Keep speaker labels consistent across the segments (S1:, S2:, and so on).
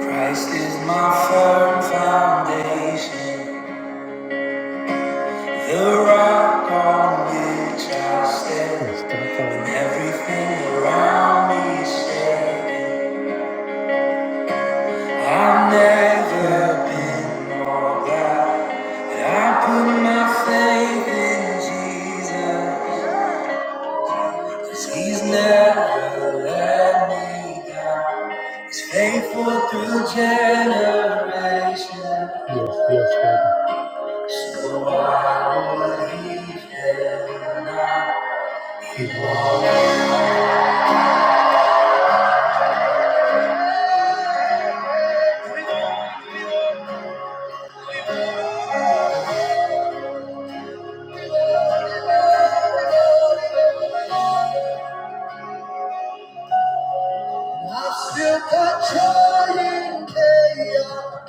S1: Christ is my firm foundation, the rock on which I stand. When everything around me is shaking, I've never been more glad that I put my faith in Jesus, 'cause He's never let me down. He's faithful through generations. Yes, yes, God. So I believe that I can walk. I've still got joy in chaos.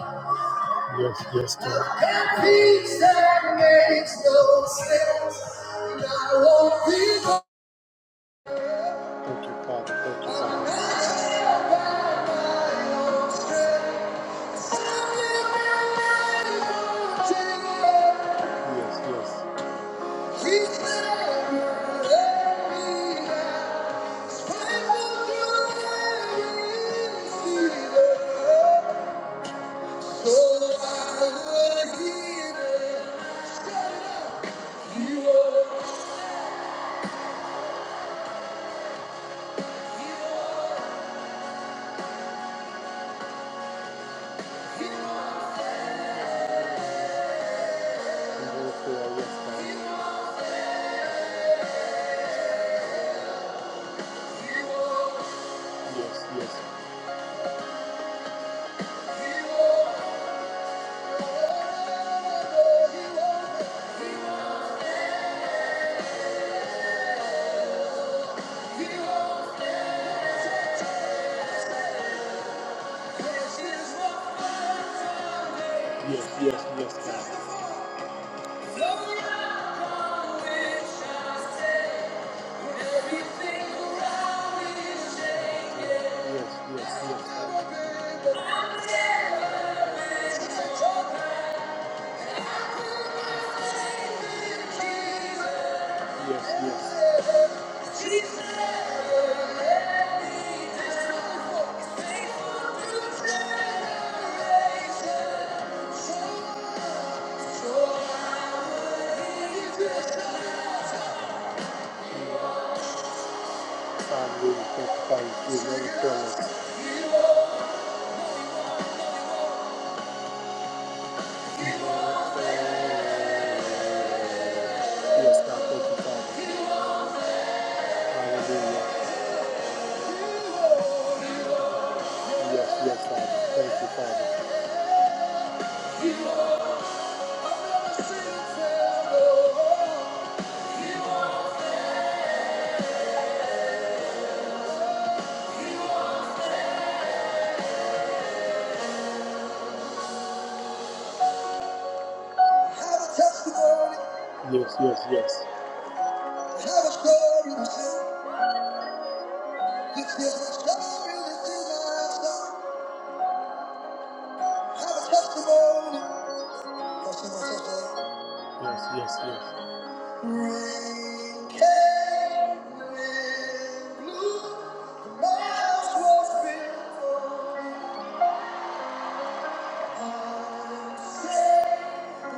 S1: Yes, yes, God. I've got peace that makes no sense. And I won't be lost. Thank you, Father. Thank you, Father. I'm not by my own. I'm living in a mountain. Yes, yes. Yes, yes. Yes, yes, yes, God. Yes, yes, yes. Yes, yes. Hallelujah. Thank you, Father. for Oh, yes, Thank you, Father. Hallelujah. Yes, yes, Thank you, Father. Yes, yes, yes. You feel the strong realness in my soul. Have a testimony. do see my testimony. Yes, yes, yes. Rain came, wind blew, the mouse was before. I said,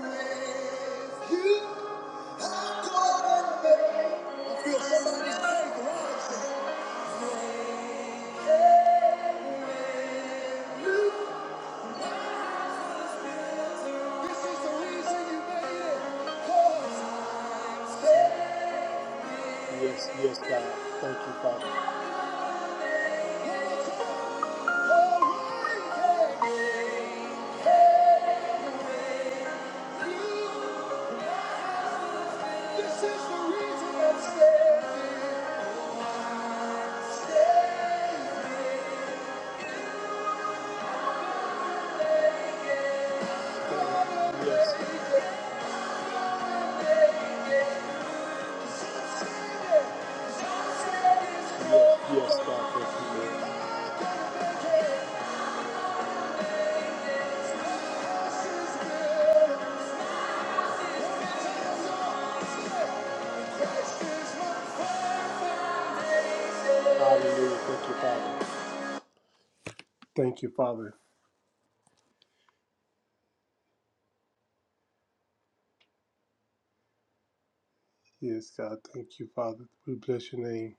S1: with you, I'm going to make it." I feel somebody's faith rising. Yes, yes, God. Thank you, Father. This is the reason I'm standing. Yes, yes, yes, God. Thank you, Lord. Hallelujah. Thank you, Father. Thank you, Father. Yes, God. Thank you, Father. We bless your name.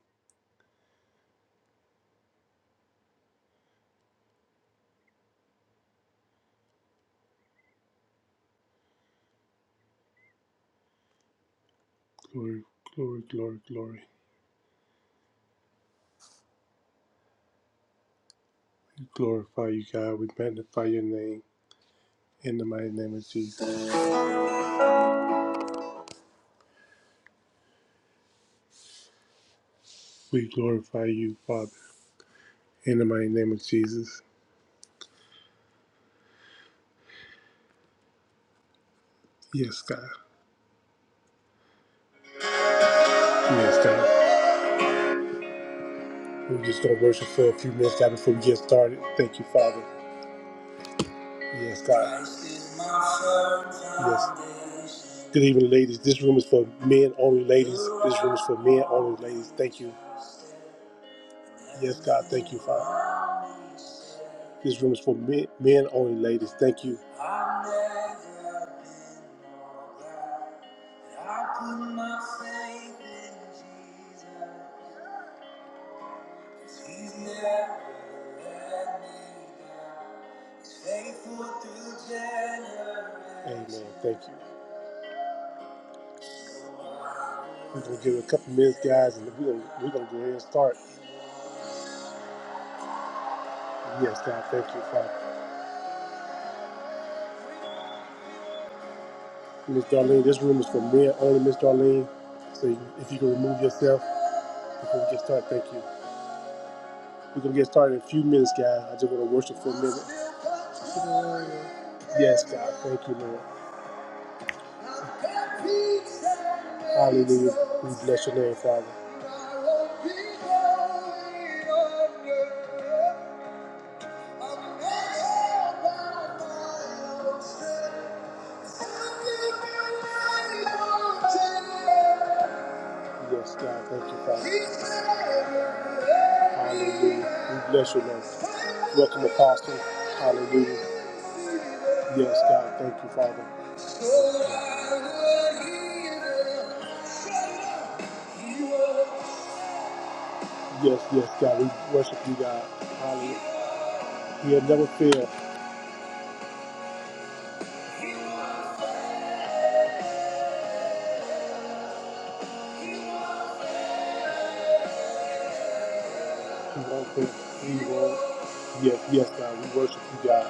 S1: Glory, glory, glory, glory. We glorify you, God. We magnify your name in the mighty name of Jesus. We glorify you, Father, in the mighty name of Jesus. Yes, God. Yes, God. We're just going to worship for a few minutes, God, before we get started. Thank you, Father. Yes, God. Yes. Good evening, ladies. This room is for men only, ladies. This room is for men only, ladies. Thank you. Yes, God. Thank you, Father. This room is for men, men only, ladies. Thank you. I never thought I put my faith in Jesus. He's never faithful through generations. Amen. Thank you. We're gonna give it a couple minutes, guys, and we're gonna we're gonna go ahead and start. Yes, God, thank you, Father. Miss Darlene, this room is for men only, Miss Darlene. So you- if you can remove yourself before we get started, thank you. We're gonna get started in a few minutes, guys. I just want to worship for a minute. Yes, God, thank you, Lord. Hallelujah. We bless your name, Father. Yes, God. Thank you, Father. Hallelujah. We bless your name. Welcome, Apostle. Hallelujah. Yes, God. Thank you, Father. Yes, yes, God. We worship you, God. Hallelujah. He has never failed. He won't fail. He won't. Yes, yes, God. We worship you, God.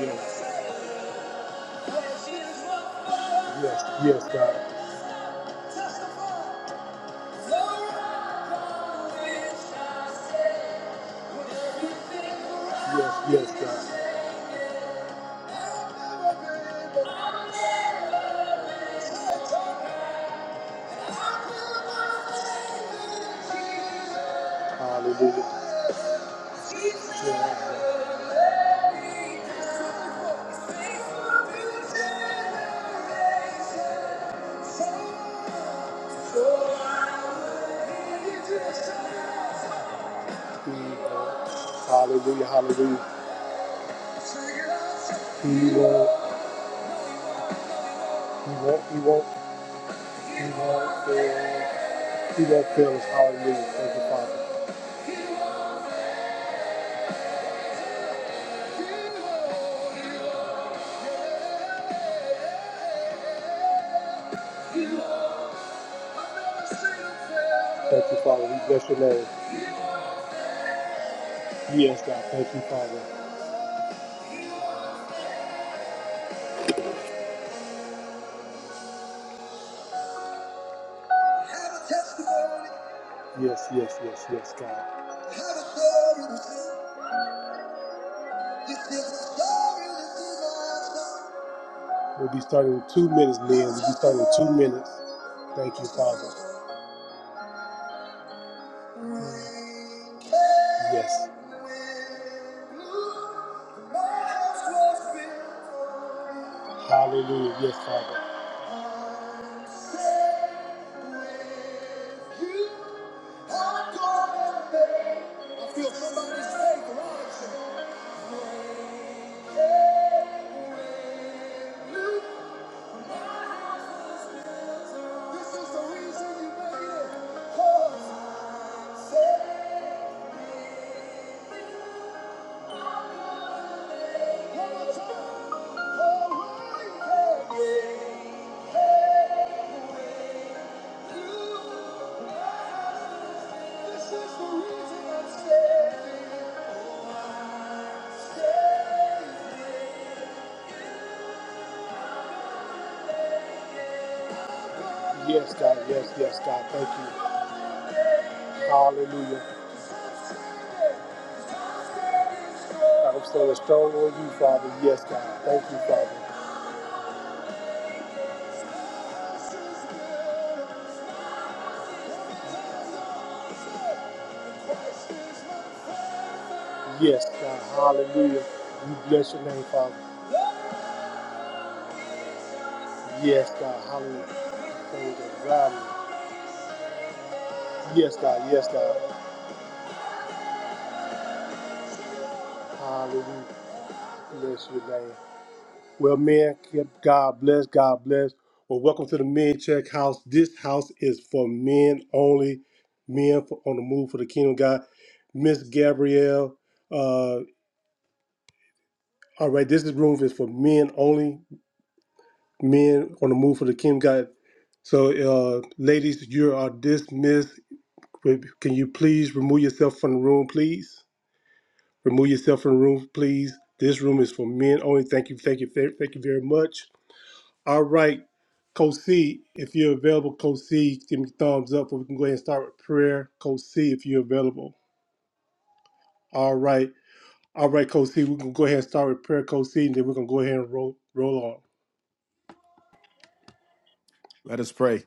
S1: Yes. Yes, yes, God. Yes, yes, God. Hallelujah. Yes, God. Mm, God. Hallelujah, hallelujah. He won't, he won't, he won't, he won't fail. He won't fail us. Hallelujah. Thank you, Father. Thank you, Father. We bless your name. Yes, God. Thank you, Father. Yes, yes, yes, yes, God. We'll be starting in two minutes, man. We'll be starting in two minutes. Thank you, Father. Yes. Hallelujah. Yes, Father. I feel somebody's faith rising. This is the reason you made it. Cause Yes, God. Yes, yes, God. Thank you. Hallelujah. I'm standing strong on you, Father. Yes, God. Thank you, Father. Yes, God. Hallelujah. We bless your name, Father. Yes, God. Hallelujah. Things around me. Yes, God. Yes, God. Hallelujah. Bless your name. Well, man, keep- God bless. God bless. Well, welcome to the Men Check House. This house is for men only. Men for, on the move for the kingdom of God. Miss Gabrielle. Uh, all right, this is room is for men only. Men on the move for the kingdom of God. So, uh, ladies, you are dismissed Would- Can you please remove yourself from the room, please? Remove yourself from the room, please. This room is for men only. Thank you, thank you, thank thank you very much. All right, Coach C, if you're available, Coach C, give me thumbs up, or we can go ahead and start with prayer. Coach C, if you're available. All right, all right, Coach C, we can go ahead and start with prayer, Coach C, and then we're gonna go ahead and roll roll on.
S2: Let us pray.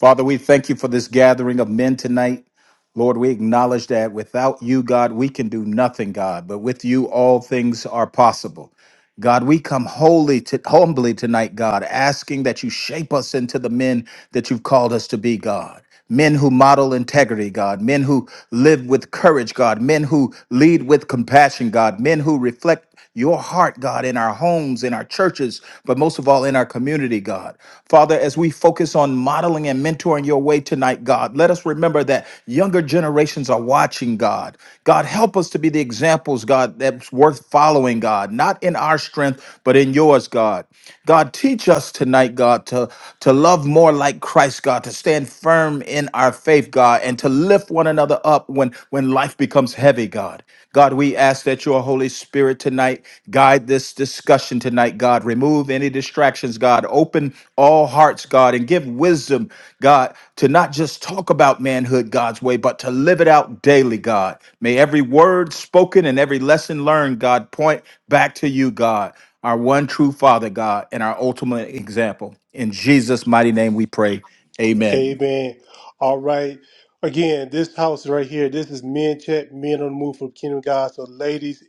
S2: Father, we thank you for this gathering of men tonight. Lord, we acknowledge that without you, God, we can do nothing, God, but with you, all things are possible. God, we come holy to, humbly tonight, God, asking that you shape us into the men that you've called us to be, God. Men who model integrity, God. Men who live with courage, God. Men who lead with compassion, God. Men who reflect your heart, God, in our homes, in our churches, but most of all in our communities community, God. Father, as we focus on modeling and mentoring your way tonight, God, let us remember that younger generations are watching, God. God, help us to be the examples, God, that's worth following, God, not in our strength, but in yours, God. God, teach us tonight, God, to, to love more like Christ, God, to stand firm in our faith, God, and to lift one another up when, when life becomes heavy, God. God, we ask that your Holy Spirit tonight guide this discussion tonight, God. Remove any distractions, God. Open all hearts, God, and give wisdom, God, to not just talk about manhood God's way, but to live it out daily, God. May every word spoken and every lesson learned, God, point back to you, God, our one true Father, God, and our ultimate example. In Jesus' mighty name we pray. Amen.
S1: Amen. All right. Again, this house right here, this is men chat, men on the move for the kingdom of God. So, ladies,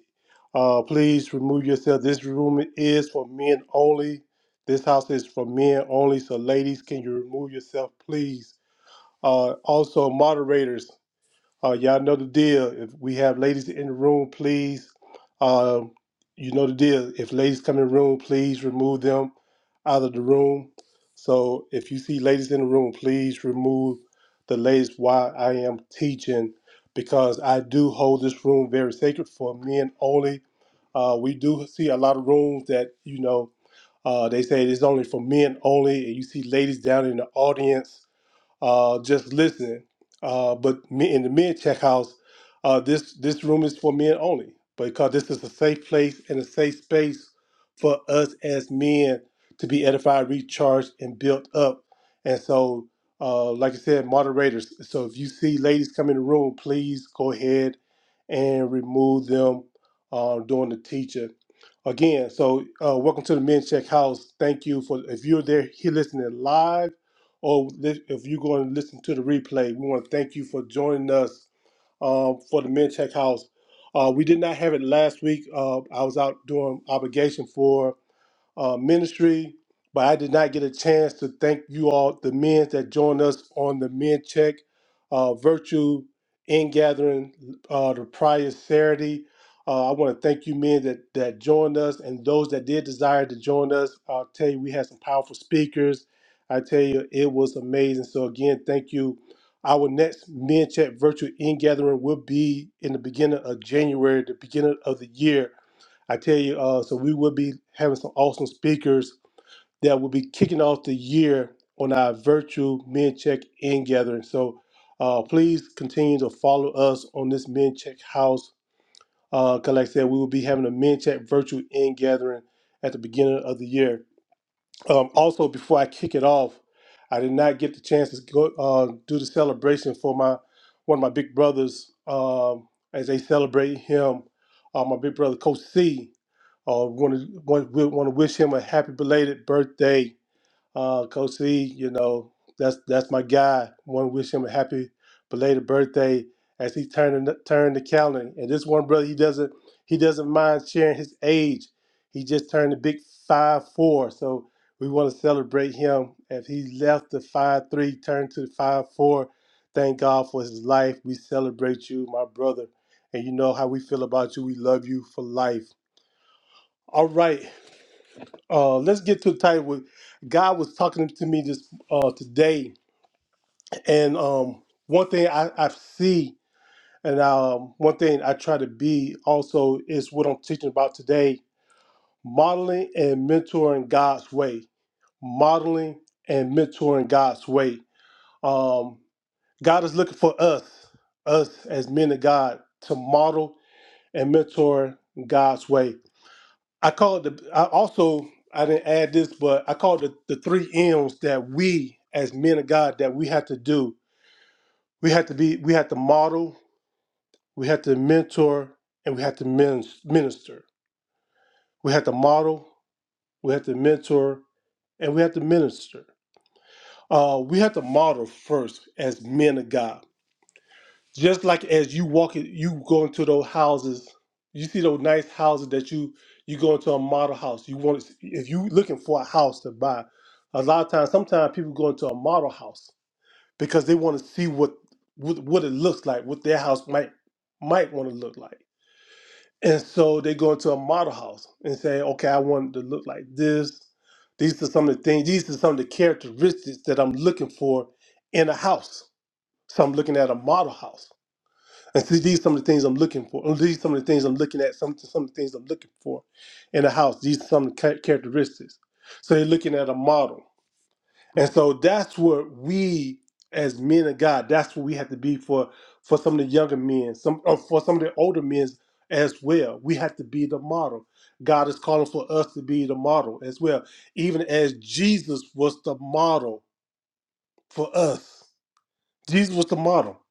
S1: uh, please remove yourself. This room is for men only. This house is for men only. So, ladies, can you remove yourself, please? Uh, also, moderators, uh, y'all know the deal. If we have ladies in the room, please, uh, you know the deal. If ladies come in the room, please remove them out of the room. So if you see ladies in the room, please remove the ladies while I am teaching because I do hold this room very sacred for men only. Uh, we do see a lot of rooms that, you know, uh, they say it's only for men only. And you see ladies down in the audience uh, just listening. Uh, but me in the mid check house, uh, this this room is for men only because this is a safe place and a safe space for us as men to be edified, recharged, and built up. And so, uh, like I said, moderators. So if you see ladies come in the room, please go ahead and remove them uh, during the teacher. Again, so uh, welcome to the Men Check House. Thank you for if you're there here listening live or li- if you go and listen to the replay, we want to thank you for joining us um, for the Men Check House. Uh, we did not have it last week. Uh, I was out doing obligation for uh, ministry, but I did not get a chance to thank you all, the men that joined us on the Men Check uh, Virtual In Gathering uh, the prior Saturday. Uh, I want to thank you men that, that joined us and those that did desire to join us. I'll tell you, we had some powerful speakers. I tell you, it was amazing. So, again, thank you. Our next Men Check Virtual In Gathering will be in the beginning of January, the beginning of the year. I tell you, uh, so we will be having some awesome speakers that will be kicking off the year on our virtual Men Check In gathering. So uh, please continue to follow us on this Men Check House. Uh, 'cause like I said, we will be having a Men Check virtual in gathering at the beginning of the year. Um, also, before I kick it off, I did not get the chance to go uh, do the celebration for my one of my big brothers um, as they celebrate him. Uh, my big brother, Coach C. Uh, we want to want, we want to wish him a happy belated birthday, uh, Coach C. You know that's that's my guy. Want to wish him a happy belated birthday as he turned turned the calendar. And this one brother, he doesn't he doesn't mind sharing his age. He just turned a big five four. So we want to celebrate him as he left the five three, turned to the five four. Thank God for his life. We celebrate you, my brother. And you know how we feel about you. We love you for life. All right. Uh, let's get to the title. With God was talking to me this uh, today, and um, one thing I, I see, and um, one thing I try to be also is what I'm teaching about today: modeling and mentoring God's way. Modeling and mentoring God's way. Um, God is looking for us, us as men of God, to model and mentor God's way. I call it the. I also I didn't add this, but I called the the three M's that we as men of God that we have to do. We have to be. We have to model. We have to mentor, and we have to min- minister. We have to model. We have to mentor, and we have to minister. Uh, we have to model first as men of God. just like as you walk it, you go into those houses, you see those nice houses that you you go into a model house. You want to, if you looking for a house to buy, a lot of times, sometimes people go into a model house because they want to see what what, what it looks like, what their house might might want to look like, and so they go into a model house and say, okay, I want it to look like this. These are some of the things. These are some of the characteristics that I'm looking for in a house. So I'm looking at a model house and see, these some of the things I'm looking for. These some of the things I'm looking at. Some some of the things I'm looking for in a house. These are some of the cha- characteristics. So they're looking at a model, and so that's what we as men of God. That's what we have to be for for some of the younger men. Some or for some of the older men as well. We have to be the model. God is calling for us to be the model as well. Even as Jesus was the model for us. Jesus was the model.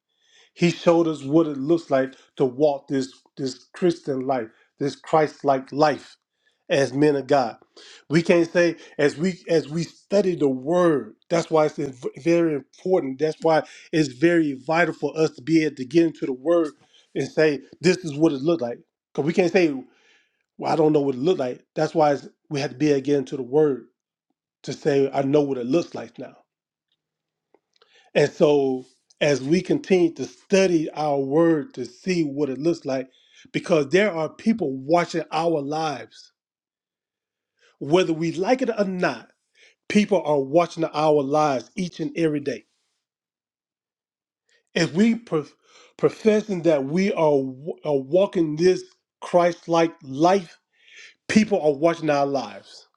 S1: He showed us what it looks like to walk this this Christian life, this Christ-like life as men of God. We can't say as we as we study the word. That's why it's inv- very important. That's why it's very vital for us to be able to get into the word and say this is what it looked like. Because we can't say, "Well, I don't know what it looked like." That's why it's, we have to be able to get into the word to say, "I know what it looks like now." And so, as we continue to study our word to see what it looks like, because there are people watching our lives, whether we like it or not, people are watching our lives each and every day. If we prof- professing that we are, w- are walking this Christ-like life, people are watching our lives.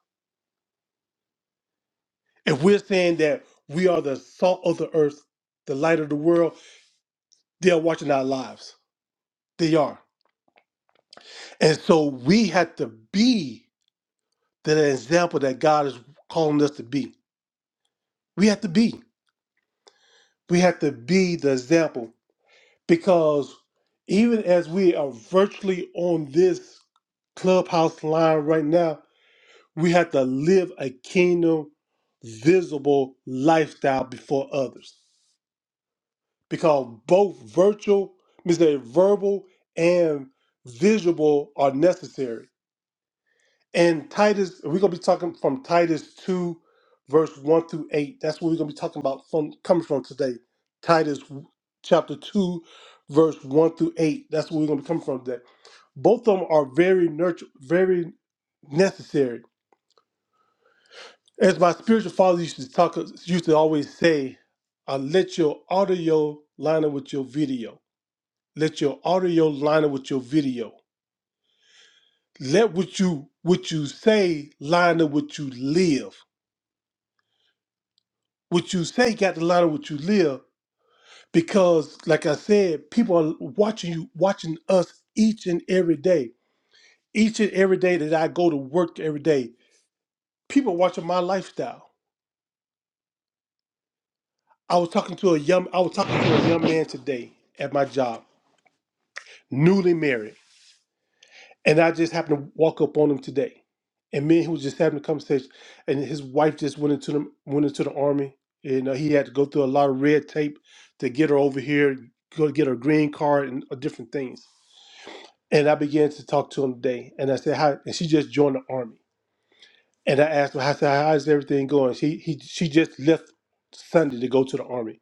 S1: If we're saying that we are the salt of the earth, the light of the world, they're watching our lives. They are. And so we have to be that are an example that God is calling us to be. We have to be. We have to be the example because even as we are virtually on this clubhouse line right now, we have to live a kingdom visible lifestyle before others because both virtual, Mr. Verbal and visible are necessary And Titus, we're gonna be talking from Titus two, verse one through eight. That's what we're gonna be talking about from coming from today. Titus chapter two, verse one through eight. That's what we're gonna be coming from today. Both of them are very nurture, very necessary. As my spiritual father used to talk, used to always say, uh, "Let your audio line up with your video. Let your audio line up with your video. Let what you what you say line up with what you live." what you say got to line up with what you live because like i said people are watching you watching us each and every day each and every day that i go to work every day people are watching my lifestyle i was talking to a young i was talking to a young man today at my job newly married and i just happened to walk up on him today and me and he was just having a conversation and his wife just went into the went into the army and uh, he had to go through a lot of red tape to get her over here go get her green card and uh, different things And I began to talk to him today, and I said, "How?" And she just joined the army. And I asked her, "I said, how's everything going?" She he she just left Sunday to go to the army,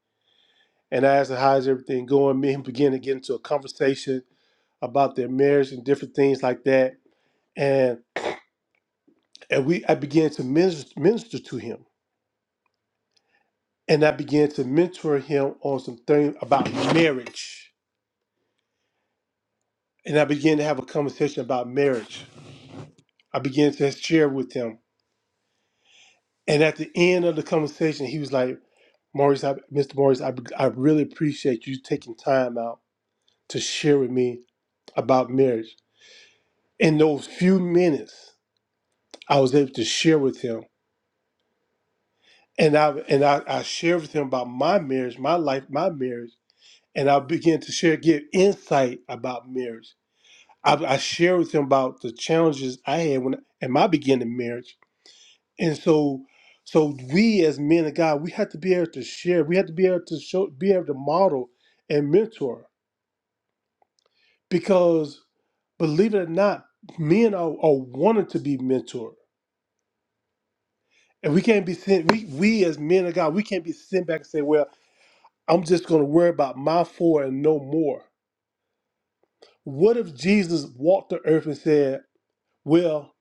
S1: and I asked her, "How's everything going?" Me and him began to get into a conversation about their marriage and different things like that. And and we I began to minister, minister to him, and I began to mentor him on some things about marriage, and I began to have a conversation about marriage. I began to share with him, and at the end of the conversation, he was like. Maurice, I, Mr. Maurice, I, I really appreciate you taking time out to share with me about marriage. In those few minutes, I was able to share with him, and I and I, I shared with him about my marriage, my life, my marriage, and I began to share, give insight about marriage. I, I shared with him about the challenges I had when in my beginning marriage, and so. So we as men of God, we have to be able to share. We have to be able to show, be able to model and mentor. because believe it or not, men are, are wanted to be mentored. And we can't be sent, we, we as men of God, we can't be sent back and say, well, I'm just going to worry about my four and no more. What if Jesus walked the earth and said, well,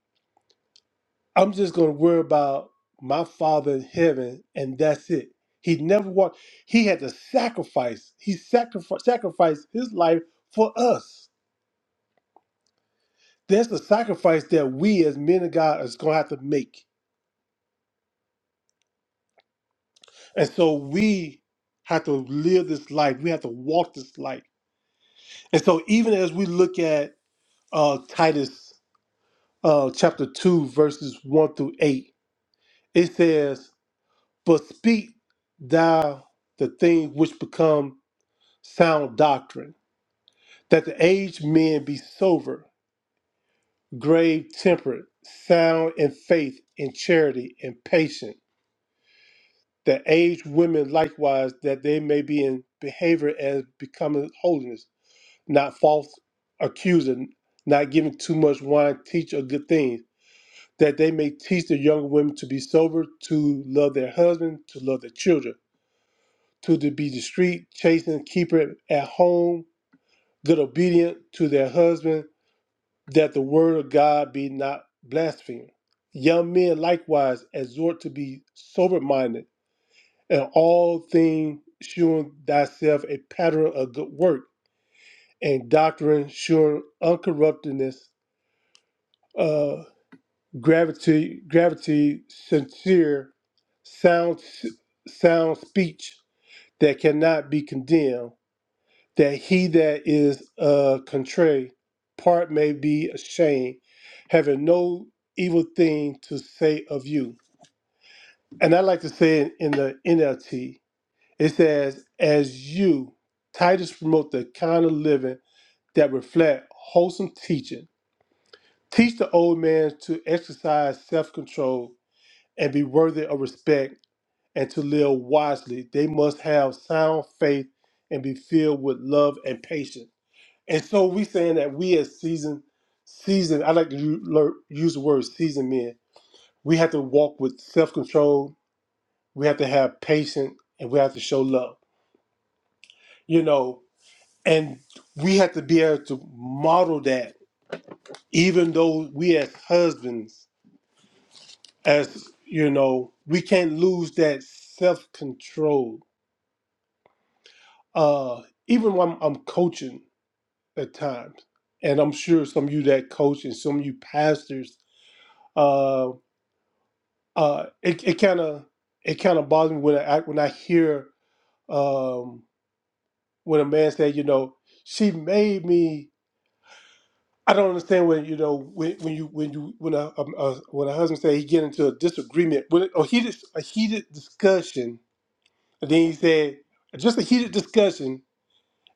S1: I'm just going to worry about my Father in heaven and that's it? He never walked, he had to sacrifice, he sacrificed, sacrificed his life for us. That's the sacrifice that we as men of God is going to have to make And so we have to live this life. We have to walk this life. And so even as we look at uh, Titus uh, chapter 2, verses 1 through 8, it says, But speak thou the things which become sound doctrine, that the aged men be sober, grave temperate, sound in faith, in charity, and patient. The aged women likewise, that they may be in behavior as becoming holiness not false accusing, not giving too much wine, teach a good thing that they may teach the younger women to be sober, to love their husband, to love their children, to, to be discreet, chasten, keeper at home, good obedient to their husband, that the word of God be not blasphemed. Young men likewise exhort to be sober minded, and all things shewing thyself a pattern of good work, and doctrine shewing uncorruptedness gravity, gravity, sincere, sound, sound speech that cannot be condemned. That he that is uh, contrary, part may be ashamed, having no evil thing to say of you. And I like to say it in the NLT, it says, "As you, Titus, promote the kind of living that reflect wholesome teaching." Teach the old man to exercise self control and be worthy of respect and to live wisely. They must have sound faith and be filled with love and patience. And so we saying that we as seasoned, seasoned, I like to u- lear- use the word seasoned men, we have to walk with self-control, we have to have patience, and we have to show love, you know, and we have to be able to model that even though we as husbands, as, you know, we can't lose that self-control uh, even when I'm coaching at times, and I'm sure some of you that coach and some of you pastors, uh, uh, it it kind of it kind of bothers me when I when I hear um, when a man say, you know, she made me. I don't understand when you know when, when you when you when a, a, a when a husband say he get into a disagreement with or heated a heated discussion, and then he said just a heated discussion,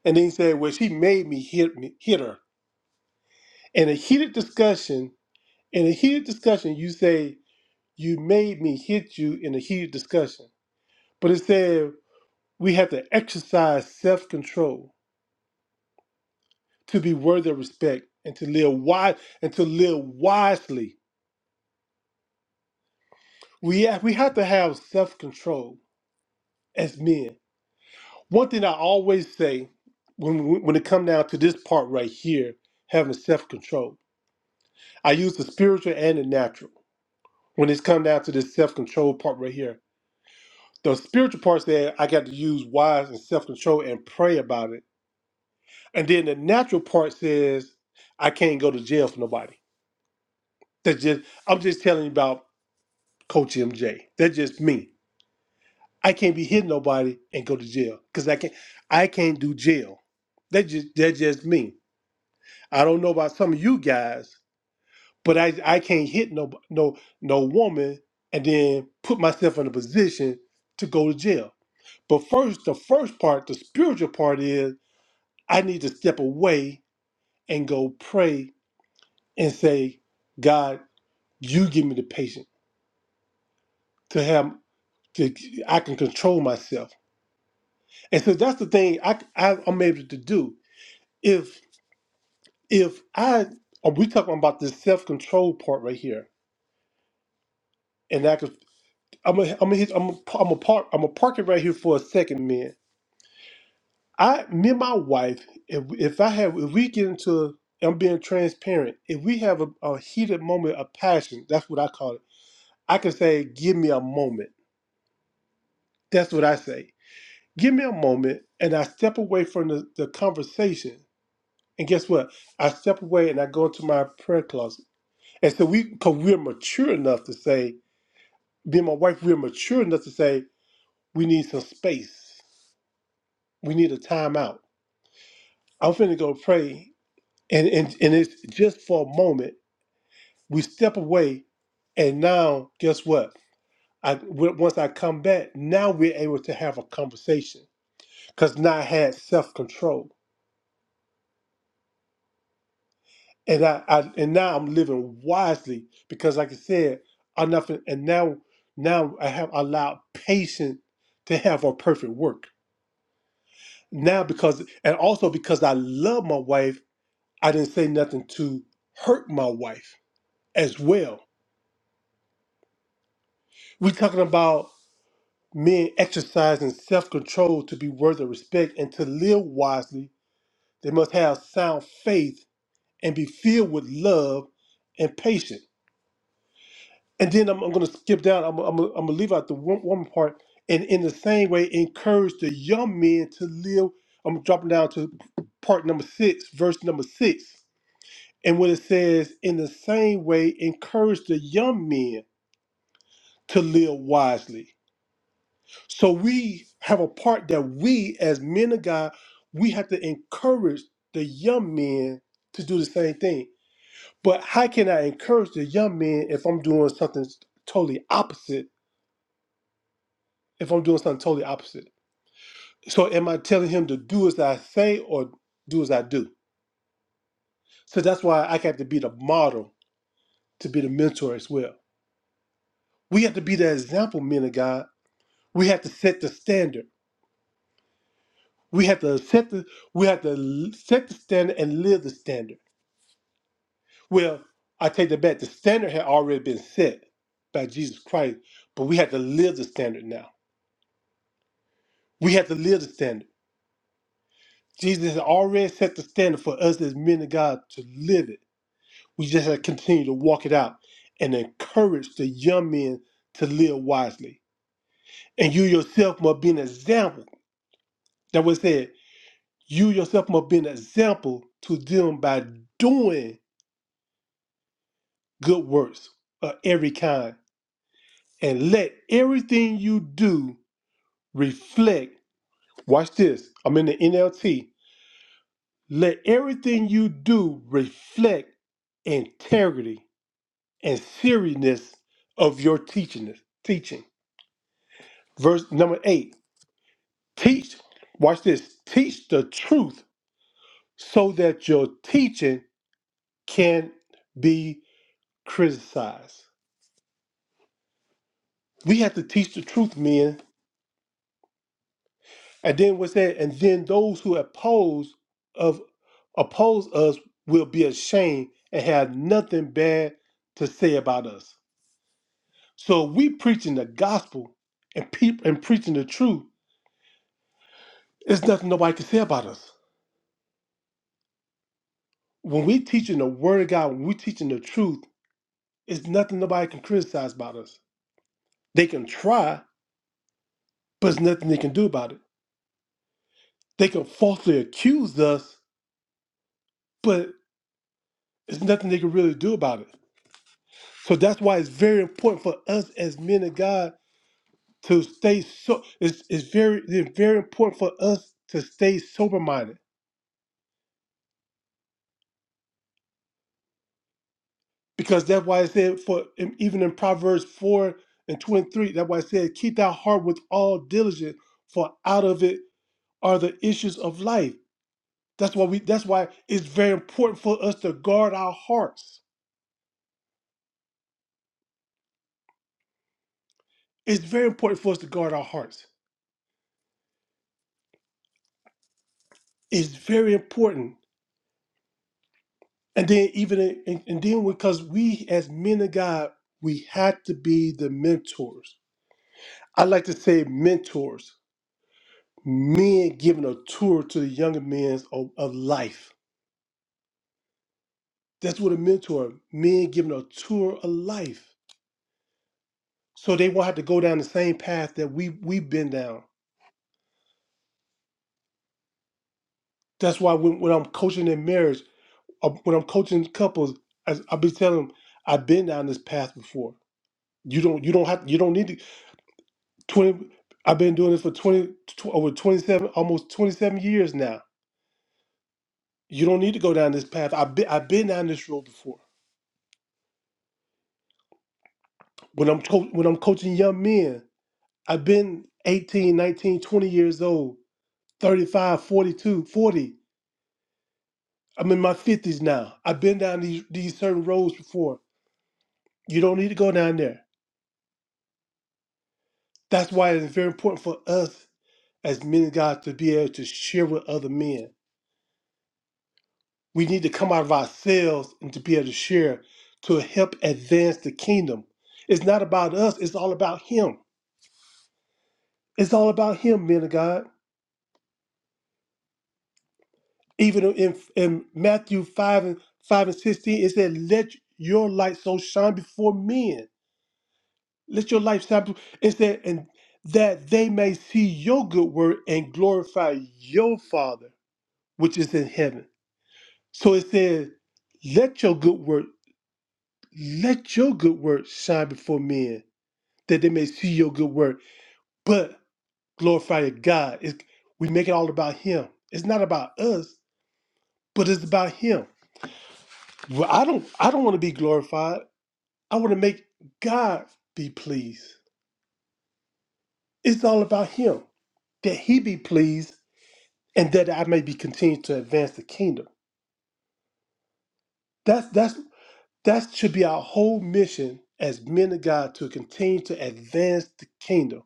S1: and then he said, well, she made me hit me hit her in a heated discussion, in a heated discussion, you say, You made me hit you in a heated discussion. But it said, We have to exercise self control to be worthy of respect and to live wise and to live wisely. We have, we have to have self control as men. One thing I always say when, when it comes down to this part right here, having self control, I use the spiritual and the natural when it's come down to this self control part right here The spiritual part said I got to use wise and self control and pray about it. And then the natural part says I can't go to jail for nobody. That's just I'm just telling you about Coach MJ. That's just me. I can't be hitting nobody and go to jail because I can't I can't do jail. That just that's just me. I don't know about some of you guys, but I I can't hit no no no woman and then put myself in a position to go to jail. But first, the first part, the spiritual part is I need to step away and go pray and say, God, you give me the patience to have to I can control myself. And so that's the thing I, I am able to do. If if I are we talking about this self control part right here, and I could I'm a, I'm a, hit- I'm a, I'm a park I'm a park it right here for a second, man. I me and my wife, if if I have if we get into I'm being transparent. If we have a, a heated moment of passion, that's what I call it I can say, give me a moment. That's what I say. Give me a moment, and I step away from the, the conversation. And guess what? I step away and I go into my prayer closet. And so we, because we're mature enough to say, being my wife, we're mature enough to say, we need some space. We need a timeout. I'm finna go pray. And, and, and it's just for a moment. We step away, and now, guess what? I, w- once I come back, now we're able to have a conversation because now I had self control, and I, I and now I'm living wisely because, like I said, I nothing, and now now I have allowed patience to have her perfect work. Now because and also because I love my wife, I didn't say nothing to hurt my wife as well. We're talking about men exercising self control to be worthy of respect and to live wisely. They must have sound faith and be filled with love and patience. And then I'm, I'm going to skip down. I'm, I'm, I'm going to leave out the one, one part. And in the same way, encourage the young men to live. I'm dropping down to part number six, verse number six. And when it says, in the same way, encourage the young men to live wisely. So we have a part that we, as men of God, we have to encourage the young men to do the same thing. But how can I encourage the young men if I'm doing something totally opposite? if I'm doing something totally opposite. So am I telling him to do as I say or do as I do? So that's why I have to be the model to be the mentor as well. We have to be the example, men of God. We have to set the standard. We have to set the we have to l- set the standard and live the standard. Well, I take that back. The standard had already been set by Jesus Christ, but we have to live the standard now. We have to live the standard. Jesus has already set the standard for us as men of God to live it We just have to continue to walk it out and encourage the young men to live wisely. And you yourself must be an example. That was said, you yourself must be an example to them by doing good works of every kind. And let everything you do reflect. Watch this. I'm in the NLT. Let everything you do reflect integrity and seriousness of your teaching. Teaching. Verse number eight. Teach, watch this, teach the truth so that your teaching can be criticized. We have to teach the truth, men. And then what's that? And then those who oppose of oppose us will be ashamed and have nothing bad to say about us. So we preaching the gospel and people and preaching the truth. There's nothing nobody can say about us. When we teaching the word of God, when we teaching the truth, it's nothing nobody can criticize about us. They can try, but it's nothing they can do about it. They can falsely accuse us, but it's nothing they can really do about it. So that's why it's very important for us as men of God to stay so. It's, it's very it's very important for us to stay sober minded because that's why it said for even in Proverbs four and twenty three. That's why it said, "Keep thy heart with all diligence, for out of it are the issues of life." That's why we. That's why it's very important for us to guard our hearts It's very important for us to guard our hearts. It's very important. And then even in, and and then because we as men of God, we have to be the mentors. I like to say mentors, men giving a tour to the younger men of, of life. That's what a mentor, men giving a tour of life. So they won't have to go down the same path that we we've been down. That's why when, when I'm coaching in marriage, uh, when I'm coaching couples, I, I'll be telling them, I've been down this path before You don't you don't have you don't need to twenty. I've been doing this for twenty tw- over twenty seven almost twenty seven years now. You don't need to go down this path. I've been I've been down this road before. When I'm co- when I'm coaching young men, I've been 18, 19, 20 years old, thirty-five, forty-two, forty. I'm in my 50s now. I've been down these these certain roads before. You don't need to go down there. That's why it's very important for us as men of God to be able to share with other men We need to come out of ourselves and to be able to share to help advance the kingdom. It's not about us, it's all about Him. It's all about Him, men of God. Even in, in Matthew 5 and 5 and 16, it said, Let your light so shine before men. Let your light shine. before-" It said, and that they may see your good work and glorify your Father which is in heaven. So it says, Let your good work, let your good work shine before men that they may see your good work, but glorify your God. It's, we make it all about Him. It's not about us, but it's about Him. Well, I don't, I don't want to be glorified. I want to make God be pleased. It's all about Him that He be pleased, and that I may be continued to advance the kingdom. That's that's that should be our whole mission as men of God to continue to advance the kingdom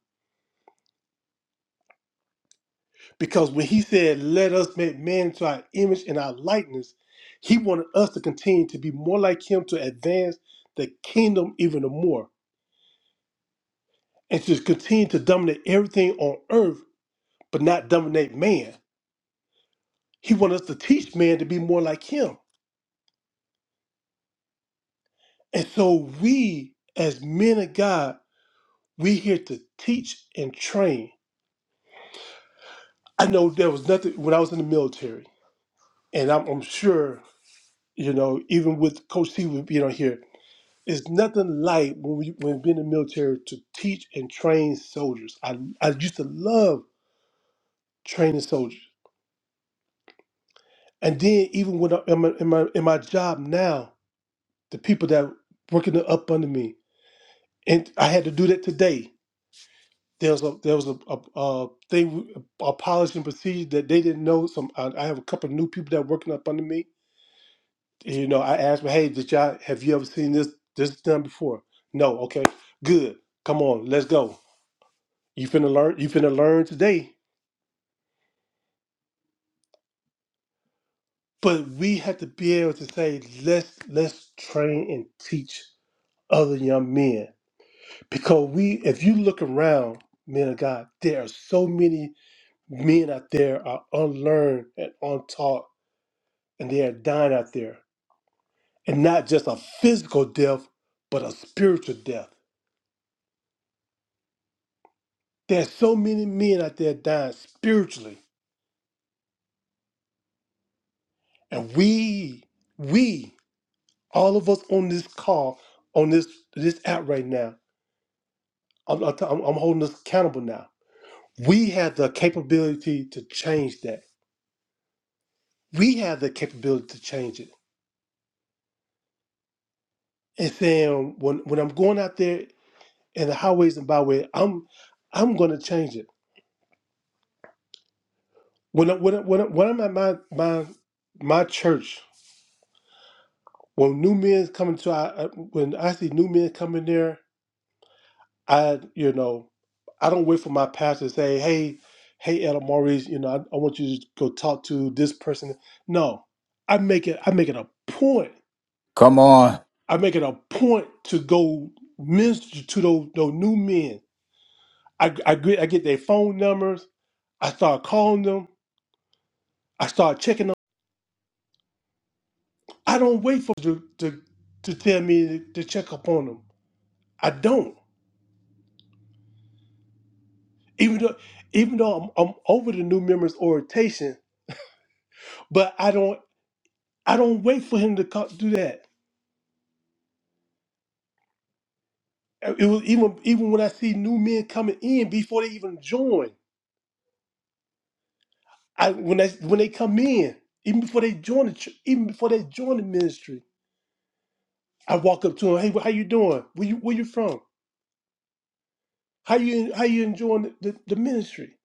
S1: Because when he said, Let us make man to our image and our likeness, he wanted us to continue to be more like him to advance the kingdom even more and to continue to dominate everything on earth, but not dominate man. He wanted us to teach man to be more like him. And so we, as men of God, we here to teach and train. I know there was nothing when I was in the military, and I'm, I'm sure, you know, even with Coach T, you know, here. It's nothing like when we when being in the military to teach and train soldiers. I I used to love training soldiers, and then even when I, in, my, in my in my job now, the people that working up under me, and I had to do that today. There was a there was a, a, a thing a policy and procedure that they didn't know. Some I, I have a couple of new people that working up under me. You know, I asked them, hey, did y'all have you ever seen this this done before? No, okay, good. Come on, let's go You finna learn. You finna learn today. But we have to be able to say, let's let's train and teach other young men because we. If you look around, men of God, there are so many men out there are unlearned and untaught, and they are dying out there, and not just a physical death, but a spiritual death. There's so many men out there dying spiritually, and we, we, all of us on this call, on this this app right now I'm, I'm, I'm holding us accountable now. We have the capability to change that. We have the capability to change it. And saying when when I'm going out there in the highways and byways, I'm I'm going to change it. When I, when I, when, I, when I'm at my my my church, when new men come into our uh, when I see new men come in there I, you know, I don't wait for my pastor to say, hey, hey, Ella Maurice, you know, I, I want you to go talk to this person. No, I make it, I make it a point.
S2: Come on.
S1: I make it a point to go minister to those, those new men. I, I, get, I get their phone numbers. I start calling them. I start checking them. I don't wait for them to, to, to tell me to, check up on them. I don't. Even though, even though I'm, I'm over the new members' orientation, but I don't. I don't wait for him to co- do that. Uh, It was even even when I see new men coming in before they even join. I when they when they come in, even before they join the ch- even before they join the ministry, I walk up to them. Hey, how you doing? Where you where you from? How you how you enjoying the, the, the ministry?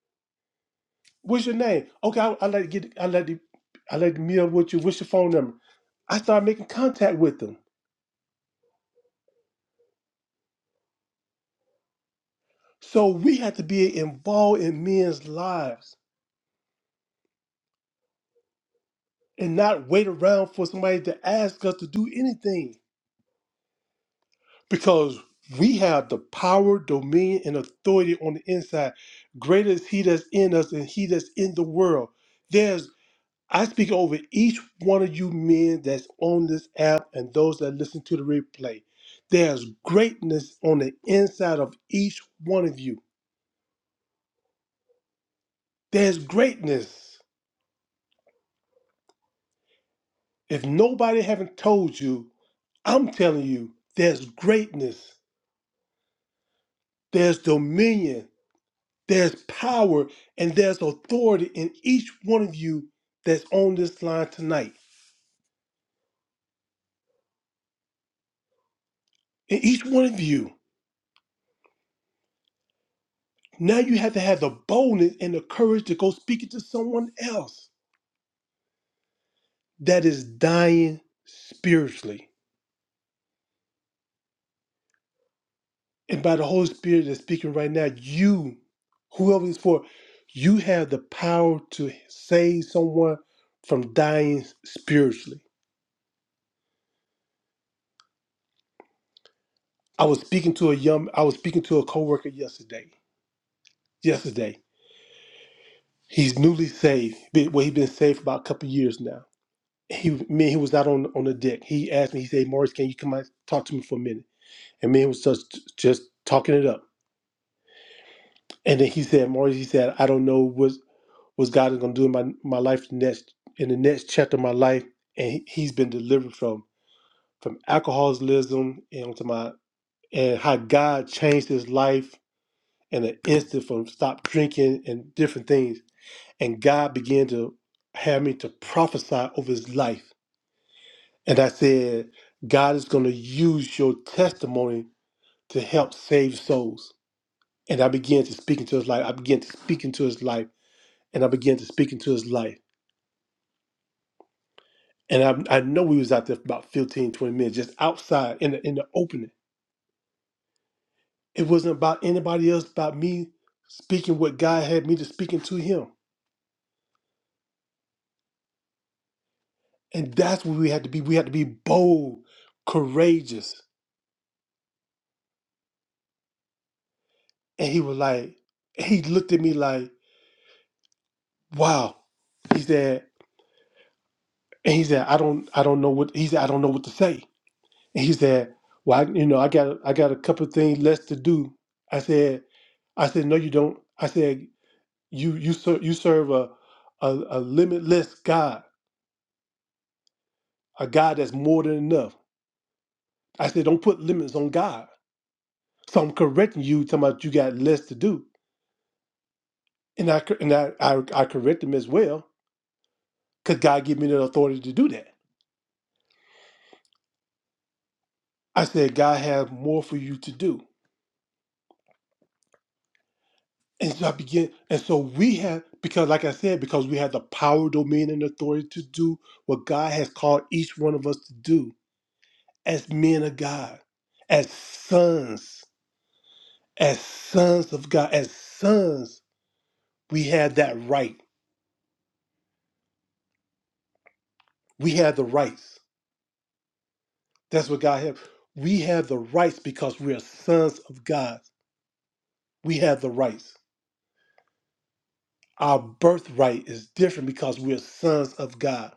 S1: What's your name? Okay, I, I like to get I like to I like to meet up with you. What's your phone number? I start making contact with them. So we have to be involved in men's lives and not wait around for somebody to ask us to do anything because we have the power, dominion, and authority on the inside. Greater is He that's in us than He that's in the world. There's, I speak over each one of you men that's on this app and those that listen to the replay. There's greatness on the inside of each one of you. There's greatness. If nobody haven't told you, I'm telling you, there's greatness, there's dominion, There's power and there's authority in each one of you that's on this line tonight. In each one of you. Now you have to have the boldness and the courage to go speak it to someone else that is dying spiritually. And by the Holy Spirit that's speaking right now, you, whoever it's for, you have the power to save someone from dying spiritually. I was speaking to a young I was speaking to a coworker yesterday. Yesterday. He's newly saved. Been- Well, he's been saved for about a couple years now. He, me, and he was out on on the deck. He asked me. He said, "Maurice, can you come out talk to me for a minute?" And me and was just just talking it up. And then he said, "Maurice, he said, I don't know what what God is going to do in my my life next in the next chapter of my life." And he, he's been delivered from from alcoholism and to my and how God changed his life in an instant from stop drinking and different things. and God began to have me to prophesy over his life. And I said, God is going to use your testimony to help save souls. And I began to speak into his life. I began to speak into his life. And I began to speak into his life. And I, I know we was out there for about 15, 20 minutes, just outside in the, in the opening. It wasn't about anybody else, about me speaking what God had me to speak into him. And that's where we had to be. We had to be bold, courageous And he was like, he looked at me like, wow. He said, and he said, I don't, I don't know what he said, I don't know what to say. And he said, Well, I, you know, I got I got a couple of things less to do. I said, I said, No, you don't. I said, you you serve you serve a, a a limitless God, a God that's more than enough. I said, Don't put limits on God. So I'm correcting you, talking about you got less to do. And I cor- and I I, I correct him as well, because God gave me the authority to do that. I said, God has more for you to do. And so I began, and so we have, because like I said, because we have the power, domain, and authority to do what God has called each one of us to do as men of God, as sons, as sons of God, as sons, we have that right. We have the rights. That's what God has. We have the rights because we are sons of God. We have the rights. Our birthright is different because we are sons of God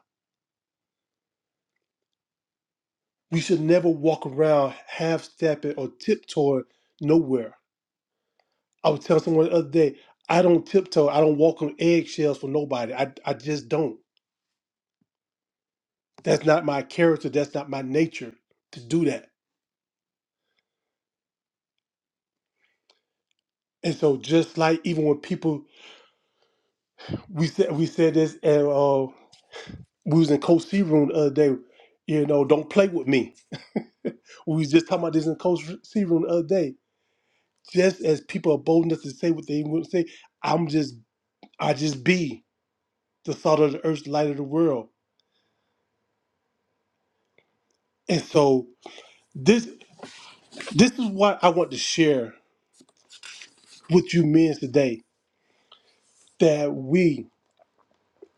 S1: We should never walk around half stepping or tiptoeing nowhere. I was telling someone the other day, I don't tiptoe. I don't walk on eggshells for nobody. I, I just don't. That's not my character. That's not my nature to do that. And so just like even when people we said we said this and uh we was in Coach C room the other day, you know, don't play with me. We was just talking about this in Coach C room the other day. Just as people are bold enough to say what they want to say, I'm just I just be. the salt of the earth, light of the world. And so this this is what I want to share with you men today that we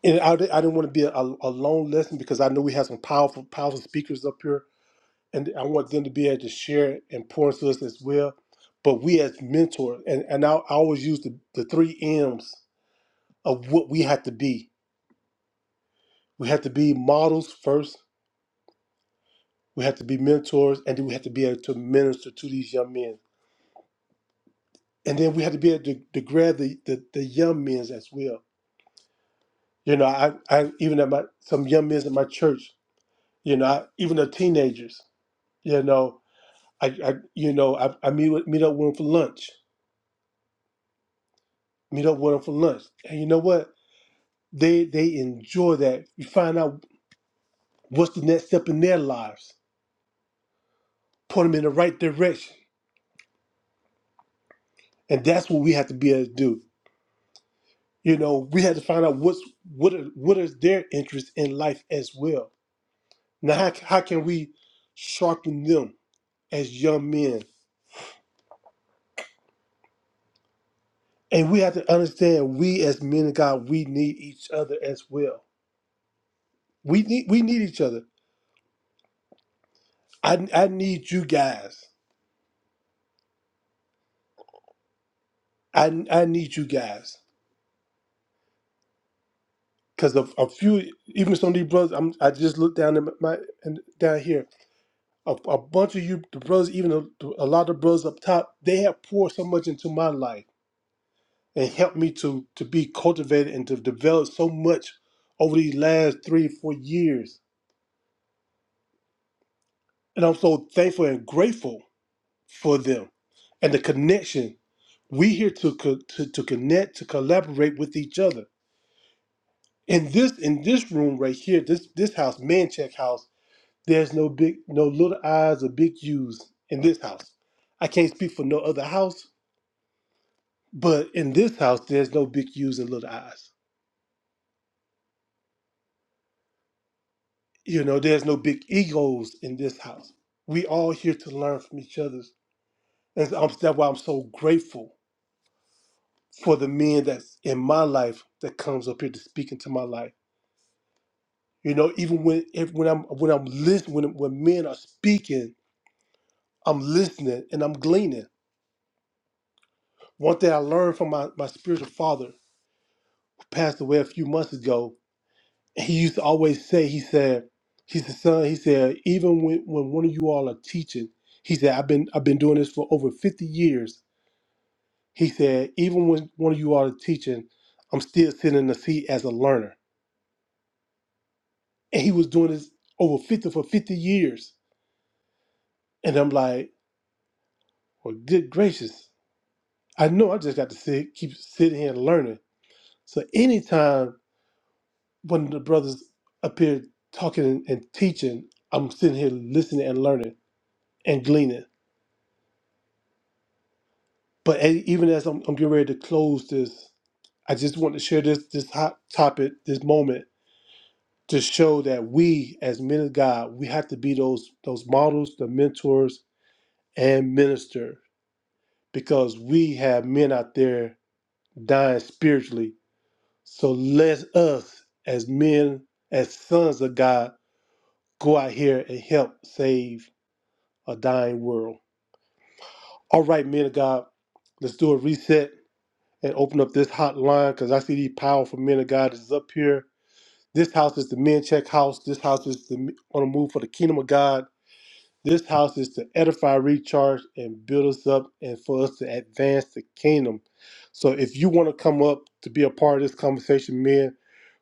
S1: and I, di- I didn't want to be a, a long lesson because I know we have some powerful powerful speakers up here and I want them to be able to share and pour into us as well. But we as mentors and, and I, I always use the, the three M's of what we have to be. We have to be models first, we have to be mentors, and then we have to be able to minister to these young men and then we had to be able to, to grab the, the, the young men's as well. You know, I, I even at my some young men's at my church. You know, I, even the teenagers. You know, I, I you know I, I meet with, meet up with them for lunch. Meet up with them for lunch, and you know what? They they enjoy that. You find out what's the next step in their lives. Put them in the right direction, and that's what we have to be able to do. You know, we had to find out what's what are, what is their interest in life as well Now, how, how can we sharpen them as young men? And we have to understand we as men of God, we need each other as well. We need we need each other. I I need you guys. I I need you guys. Cause of a few, even some of these brothers, I'm, I just look down at my and down here. A, a bunch of you, the brothers, even a, a lot of brothers up top, they have poured so much into my life and helped me to to be cultivated and to develop so much over these last three four years and i'm so thankful and grateful for them and the connection we here to co- to, to connect to collaborate with each other in this in this room right here this this house man check house there's no big no little eyes or big u's in this house i can't speak for no other house but in this house there's no big u's and little eyes You know, there's no big egos in this house. We all here to learn from each other. And so I'm, that's why I'm so grateful for the men that's in my life that comes up here to speak into my life. You know, even when if, when I'm when I'm listening when, when men are speaking, I'm listening and I'm gleaning. One thing I learned from my, my spiritual father who passed away a few months ago, he used to always say, he said, he said, son, he said, even when, when one of you all are teaching, he said, I've been I've been doing this for over 50 years He said, even when one of you all is teaching, I'm still sitting in the seat as a learner. And he was doing this over 50 for 50 years. And I'm like, well, good gracious. I know I just got to sit, keep sitting here and learning. So anytime one of the brothers appeared talking and, and teaching, I'm sitting here listening and learning and gleaning. But a- even as I'm, I'm getting ready to close this, I just want to share this this hot topic, this moment to show that we as men of God, we have to be those those models, the mentors and minister because we have men out there dying spiritually. So let us as men, as sons of God, go out here and help save a dying world. All right, men of God, let's do a reset and open up this hotline because I see these powerful men of God is up here. This house is the men check house. This house is the on the move for the kingdom of God. This house is to edify, recharge, and build us up, and for us to advance the kingdom. So, if you want to come up to be a part of this conversation, men,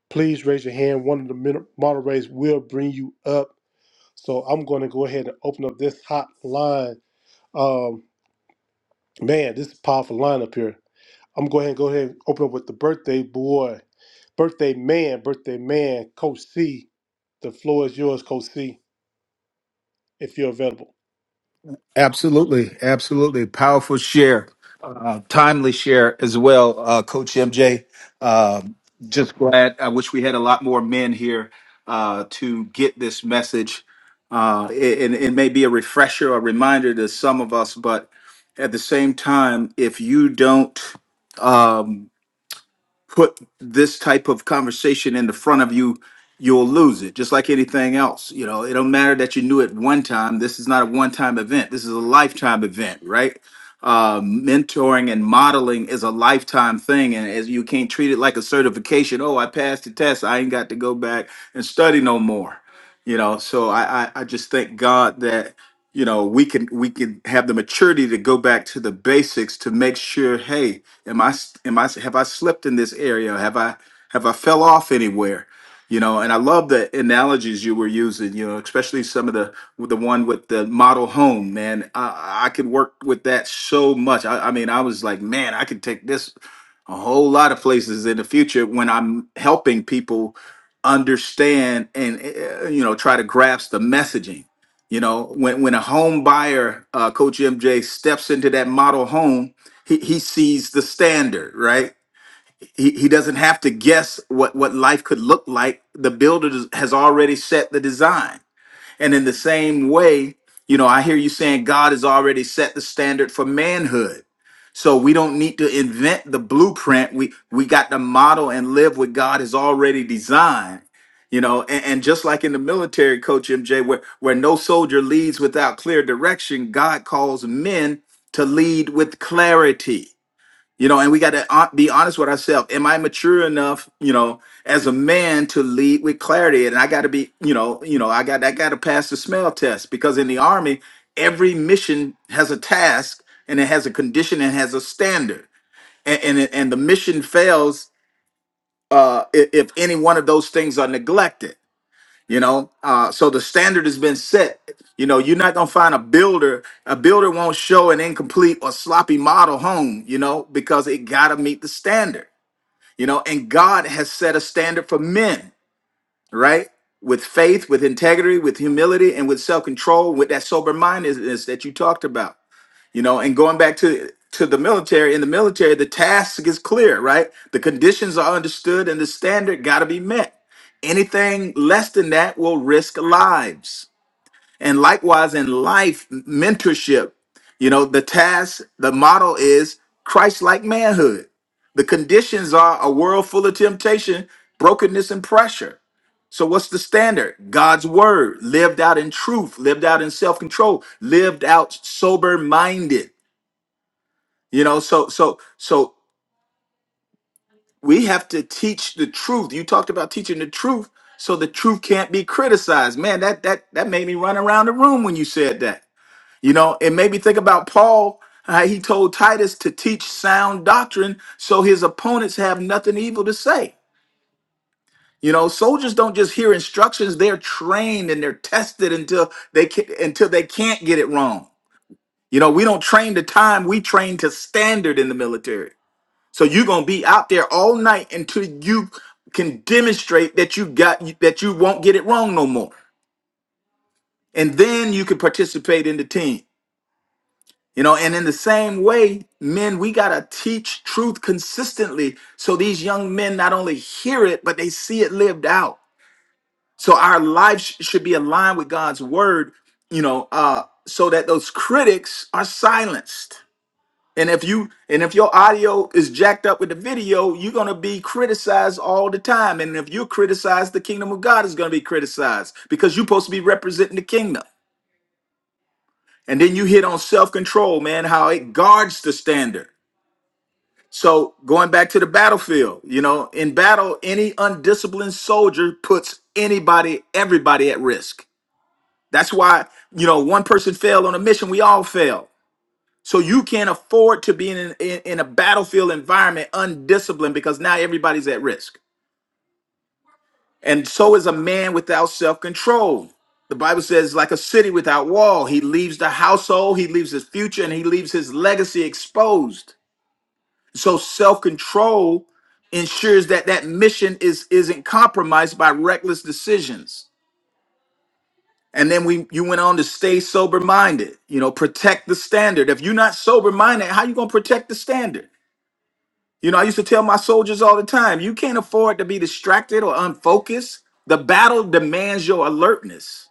S1: please raise your hand. One of the min- moderators will bring you up. So, I'm going to go ahead and open up this hot line. Um, man, this is a powerful line up here. I'm going to go ahead and open up with the birthday boy, birthday man, birthday man, Coach C. The floor is yours, Coach C, if you're available.
S2: Absolutely, absolutely. Powerful share, uh, timely share as well, uh, Coach MJ. Um just glad. I wish we had a lot more men here uh, to get this message. Uh, it, and it may be a refresher, a reminder to some of us, but at the same time, if you don't um, put this type of conversation in the front of you, you'll lose it. Just like anything else, you know, it don't matter that you knew it one time. This is not a one-time event. This is a lifetime event, right? Uh, mentoring and modeling is a lifetime thing, and as you can't treat it like a certification. Oh, I passed the test. I ain't got to go back and study no more. You know, so I I, I just thank God that you know we can we can have the maturity to go back to the basics to make sure. Hey, Am I? am I? have I slipped in this area? Have I have I fell off anywhere? You know, and I love the analogies you were using. You know, especially some of the the one with the model home. Man, I, I could work with that so much. I, I mean, I was like, man, I could take this a whole lot of places in the future when I'm helping people understand and uh, you know try to grasp the messaging. You know, when when a home buyer, uh, Coach MJ, steps into that model home he, he sees the standard right he, he doesn't have to guess what what life could look like the builder does- has already set the design and in the same way you know i hear you saying god has already set the standard for manhood so we don't need to invent the blueprint we we got to model and live what god has already designed you know and, and just like in the military coach mj where where no soldier leads without clear direction god calls men to lead with clarity you know and we got to be honest with ourselves am i mature enough you know as a man to lead with clarity and i got to be you know you know i got i got to pass the smell test because in the army every mission has a task and it has a condition and has a standard and and, and the mission fails uh i- if any one of those things are neglected you know uh, so the standard has been set you know you're not going to find a builder a builder won't show an incomplete or sloppy model home you know because it got to meet the standard you know and god has set a standard for men right with faith with integrity with humility and with self-control with that sober mindedness that you talked about you know and going back to to the military in the military the task is clear right the conditions are understood and the standard got to be met anything less than that will risk lives and likewise in life mentorship you know the task the model is christ-like manhood the conditions are a world full of temptation brokenness and pressure so what's the standard god's word lived out in truth lived out in self-control lived out sober-minded you know, so so so we have to teach the truth. You talked about teaching the truth, so the truth can't be criticized. Man, that that that made me run around the room when you said that. You know, it made me think about Paul. how he told Titus to teach sound doctrine so his opponents have nothing evil to say. You know, soldiers don't just hear instructions; they're trained and they're tested until they can, until they can't get it wrong. You know, we don't train to time; we train to standard in the military. So you're gonna be out there all night until you can demonstrate that you got that you won't get it wrong no more, and then you can participate in the team. You know, and in the same way, men, we gotta teach truth consistently so these young men not only hear it but they see it lived out. So our lives sh- should be aligned with God's word. You know, uh, so that those critics are silenced And if you and if your audio is jacked up with the video, you're gonna be criticized all the time. And if you're criticized, the kingdom of God is gonna be criticized because you're supposed to be representing the kingdom. And then you hit on self-control, man, how it guards the standard. So going back to the battlefield, you know, in battle, any undisciplined soldier puts anybody, everybody at risk. That's why, you know, one person failed on a mission, we all fail. So you can't afford to be in, in, in a battlefield environment undisciplined because now everybody's at risk. And so is a man without self control. The Bible says, like a city without wall, he leaves the household, he leaves his future, and he leaves his legacy exposed. So self control ensures that that mission is isn't compromised by reckless decisions. And then we you went on to stay sober minded, you know, protect the standard. If you're not sober minded, how you gonna protect the standard? You know, I used to tell my soldiers all the time, you can't afford to be distracted or unfocused. The battle demands your alertness.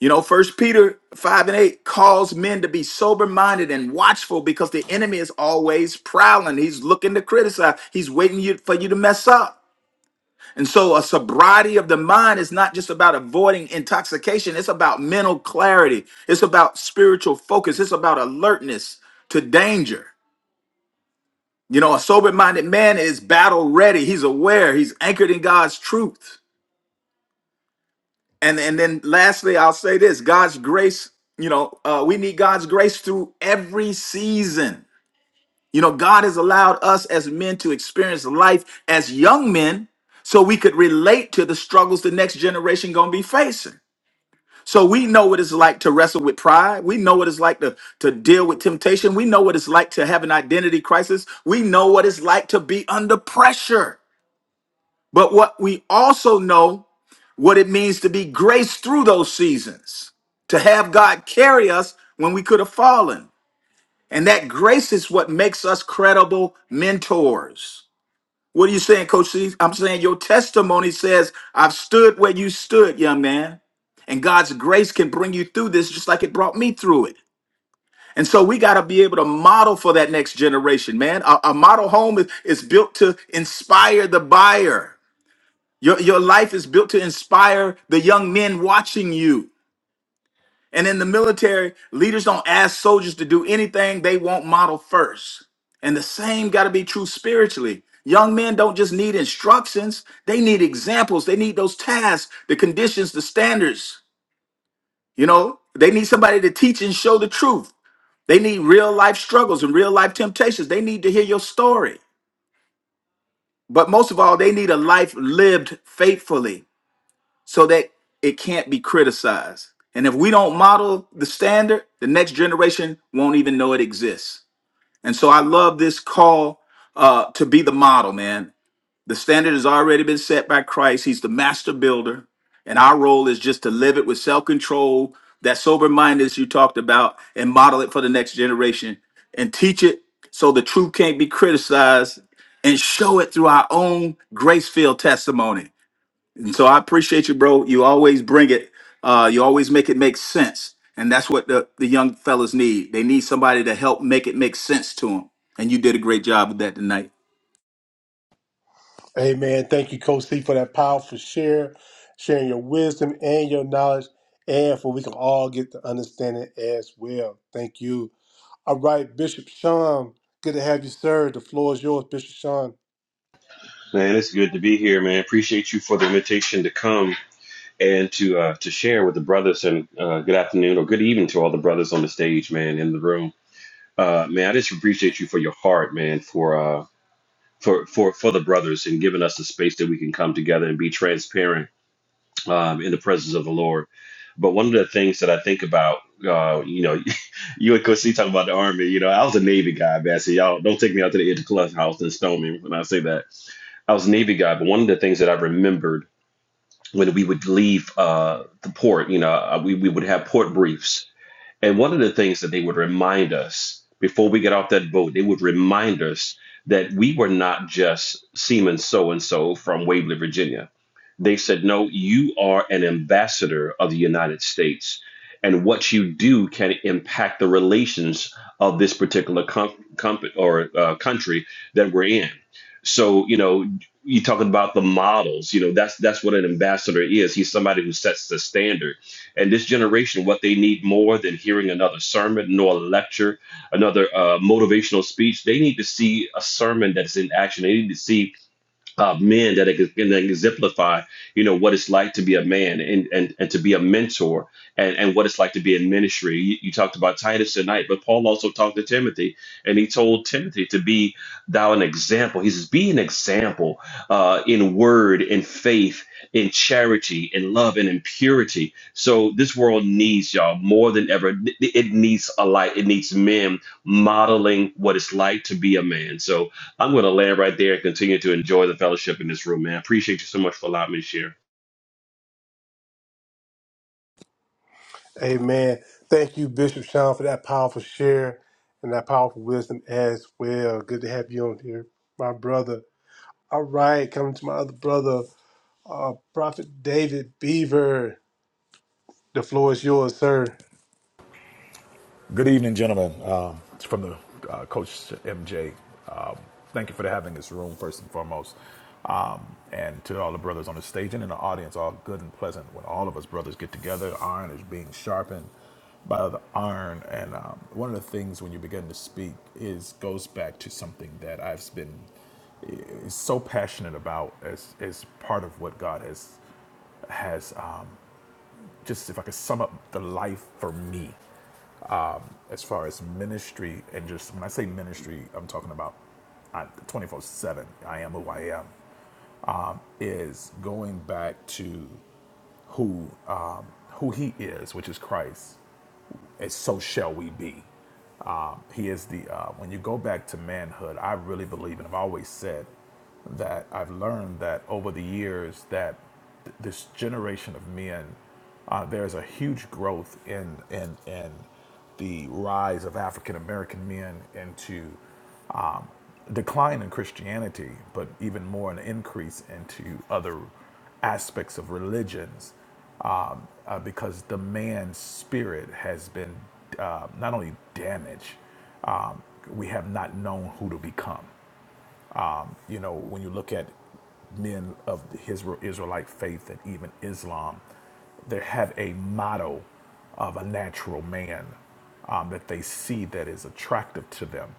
S2: You know, First Peter 5 and 8 calls men to be sober minded and watchful because the enemy is always prowling. He's looking to criticize, he's waiting you, for you to mess up. And so, a sobriety of the mind is not just about avoiding intoxication, it's about mental clarity, it's about spiritual focus, it's about alertness to danger. You know, a sober minded man is battle ready. He's aware, he's anchored in God's truth. And, and then lastly, I'll say this God's grace, you know, uh, we need God's grace through every season. You know, God has allowed us as men to experience life as young men so we could relate to the struggles the next generation gonna be facing. So we know what it's like to wrestle with pride. We know what it's like to, to deal with temptation. We know what it's like to have an identity crisis. We know what it's like to be under pressure. But what we also know what it means to be graced through those seasons, to have God carry us when we could have fallen. And that grace is what makes us credible mentors. What are you saying, Coach C? I'm saying your testimony says, I've stood where you stood, young man. And God's grace can bring you through this just like it brought me through it. And so we got to be able to model for that next generation, man. A, a model home is, is built to inspire the buyer your, your life is built to inspire the young men watching you. And in the military, leaders don't ask soldiers to do anything they won't model first. And the same got to be true spiritually. Young men don't just need instructions, they need examples, they need those tasks, the conditions, the standards. You know, they need somebody to teach and show the truth. They need real life struggles and real life temptations. They need to hear your story. But most of all, they need a life lived faithfully so that it can't be criticized. And if we don't model the standard, the next generation won't even know it exists. And so I love this call uh, to be the model, man. The standard has already been set by Christ, He's the master builder. And our role is just to live it with self control, that sober mindedness you talked about, and model it for the next generation and teach it so the truth can't be criticized and show it through our own grace filled testimony. And so I appreciate you, bro. You always bring it. Uh, you always make it make sense. And that's what the, the young fellas need. They need somebody to help make it make sense to them. And you did a great job with that tonight.
S1: Amen. Thank you, Coach C, for that powerful share, sharing your wisdom and your knowledge, and for we can all get the understanding as well. Thank you. All right, Bishop Sean, good to have you, sir. The floor is yours, Bishop Sean.
S3: Man, it's good to be here, man. Appreciate you for the invitation to come and to uh, to share with the brothers. And uh, good afternoon or good evening to all the brothers on the stage, man, in the room. Uh, man, I just appreciate you for your heart, man, for uh, for for for the brothers and giving us the space that we can come together and be transparent um, in the presence of the Lord. But one of the things that I think about, uh, you know, you and Coach C talking about the Army. You know, I was a Navy guy, man. So y'all don't take me out to the edge of the clubhouse and stone me when I say that. I was a Navy guy, but one of the things that I remembered when we would leave uh, the port, you know, uh, we, we would have port briefs and one of the things that they would remind us before we get off that boat, they would remind us that we were not just seaman so and so from Waverly, Virginia. They said, no, you are an ambassador of the United States. And what you do can impact the relations of this particular com- comp- or uh, country that we're in. So, you know, you're talking about the models. You know, that's that's what an ambassador is. He's somebody who sets the standard and this generation, what they need more than hearing another sermon, nor a lecture, another uh, motivational speech, they need to see a sermon that's in action. They need to see uh, men that ex- can exemplify, you know, what it's like to be a man and and, and to be a mentor and, and what it's like to be in ministry. You, you talked about Titus tonight, but Paul also talked to Timothy and he told Timothy to be thou an example. He says, be an example uh, in word, in faith, in charity, in love, and in purity. So this world needs y'all more than ever. It it needs a light. It needs men modeling what it's like to be a man. So I'm going to land right there and continue to enjoy the fellowship in this room, man. Appreciate you so much for allowing me to share.
S1: Amen. Thank you, Bishop Sean, for that powerful share and that powerful wisdom as well. Good to have you on here, my brother. All right, coming to my other brother, uh, Prophet David Beaver. The floor is yours, sir.
S4: Good evening, gentlemen. Uh, it's from the uh, Coach MJ. Um, thank you for having this room, first and foremost. Um, and to all the brothers on the stage and in the audience, all good and pleasant. When all of us brothers get together, iron is being sharpened by the iron. And um, one of the things when you begin to speak is goes back to something that I've been is so passionate about as as part of what God has has um, just if I could sum up the life for me um, as far as ministry and just when I say ministry, I'm talking about 24 7. I am who I am. Is going back to who um, who He is, which is Christ, and so shall we be. Um, he is the uh, when you go back to manhood. I really believe, and I've always said that I've learned that over the years that th- this generation of men, uh, there's a huge growth in in in the rise of African American men into um, decline in Christianity, but even more an increase into other aspects of religions, um, uh, because the man's spirit has been uh, not only damaged, um, we have not known who to become. Um, you know, when you look at men of his Israelite faith and even Islam, they have a motto of a natural man um, that they see that is attractive to them.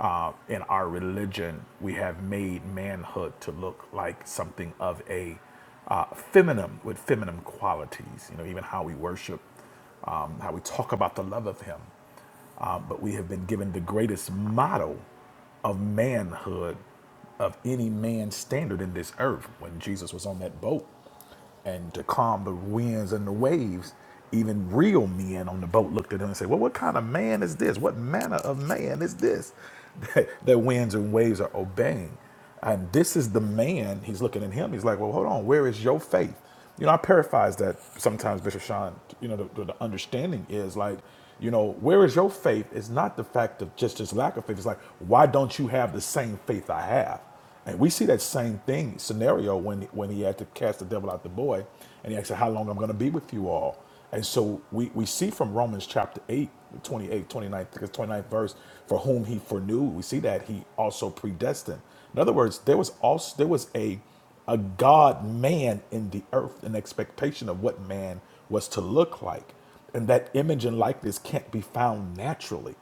S4: Uh, in our religion, we have made manhood to look like something of a uh, feminine with feminine qualities. You know, even how we worship, um, how we talk about the love of Him. Uh, but we have been given the greatest model of manhood of any man's standard in this earth when Jesus was on that boat and to calm the winds and the waves, even real men on the boat looked at him and said, Well, what kind of man is this? What manner of man is this that, that winds and waves are obeying? And this is the man, he's looking at him, he's like, Well, hold on, where is your faith? You know, I paraphrase that sometimes, Bishop Sean, you know, the, the understanding is like, you know, where is your faith? It's not the fact of just this lack of faith. It's like, why don't you have the same faith I have? And we see that same thing scenario when when he had to cast the devil out the boy, and he asked, How long I'm gonna be with you all? And so we, we see from Romans chapter eight, twenty-eight, twenty-nine, I think it's twenty ninth verse, for whom he foreknew, we see that he also predestined. In other words, there was also there was a a God man in the earth, an expectation of what man was to look like. And that image and likeness can't be found naturally.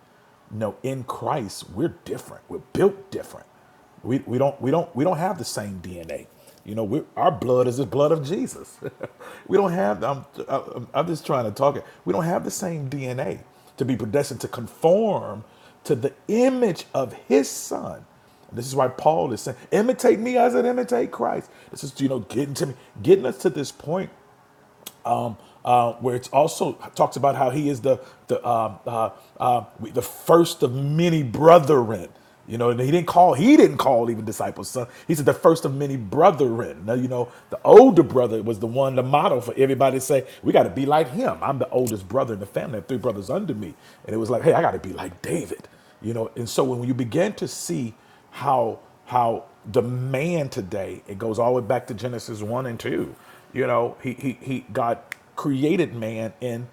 S4: No, in Christ, we're different. We're built different. We, we don't we don't we don't have the same DNA. You know, we our blood is the blood of Jesus. we don't have. I'm, I'm I'm just trying to talk it. We don't have the same DNA to be predestined to conform to the image of His Son. And this is why Paul is saying, "Imitate me as I imitate Christ." This is you know getting to me, getting us to this point uh, where it's also talks about how he is the the um, uh, uh, the first of many brethren. You know, and he didn't call he didn't call even disciples son. He said the first of many brethren. Now you know the older brother was the one the model for everybody to say we got to be like him. I'm the oldest brother in the family, I have three brothers under me, and it was like hey I got to be like David. You know, and so when you begin to see how how the man today it goes all the way back to genesis 1 and 2 you know he he, he god created man in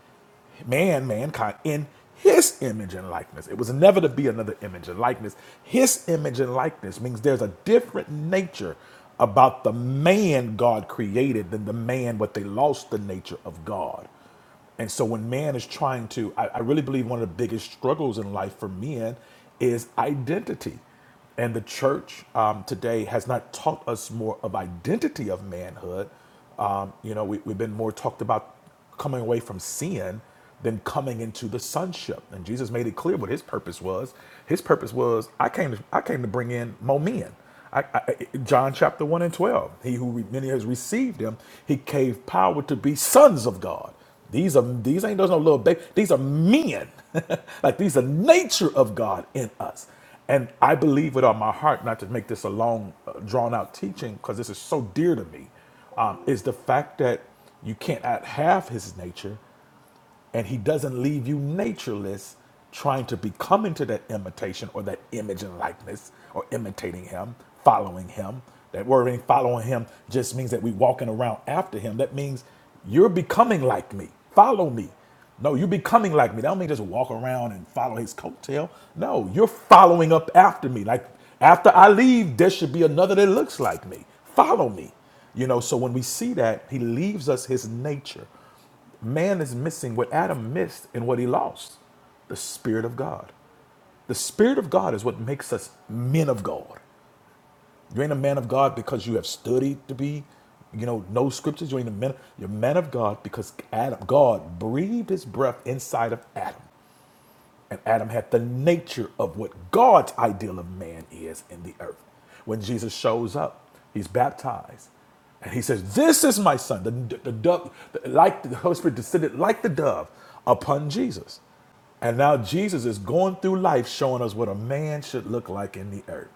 S4: man mankind in his image and likeness it was never to be another image and likeness his image and likeness means there's a different nature about the man god created than the man But they lost the nature of god and so when man is trying to, I, I really believe one of the biggest struggles in life for men is identity. And the church um, today has not taught us more of identity of manhood. Um, you know, we, we've been more talked about coming away from sin than coming into the sonship. And Jesus made it clear what his purpose was. His purpose was, I came to, I came to bring in more men. I, I, John chapter 1 and 12. He who many has received him, he gave power to be sons of God. These are these ain't there's no little baby. These are men. like these are nature of God in us. And I believe with all my heart, not to make this a long, uh, drawn out teaching, because this is so dear to me, um, is the fact that you can't out- have His nature, and he doesn't leave you natureless trying to become into that imitation or that image and likeness or imitating him following him that word ain't following him just means that we walking around after him that means you're becoming like me follow me no you're becoming like me that don't mean just walk around and follow his coattail no you're following up after me like after i leave there should be another that looks like me follow me you know so when we see that he leaves us his nature Man is missing what Adam missed and what he lost the Spirit of God. The Spirit of God is what makes us men of God. You ain't a man of God because you have studied to be, you know, know scriptures. You ain't a man. You're a man of God because Adam, God breathed his breath inside of Adam. And Adam had the nature of what God's ideal of man is in the earth. When Jesus shows up, he's baptized. And he says, This is my son. The, the dove, like the Holy Spirit descended like the dove upon Jesus. And now Jesus is going through life showing us what a man should look like in the earth.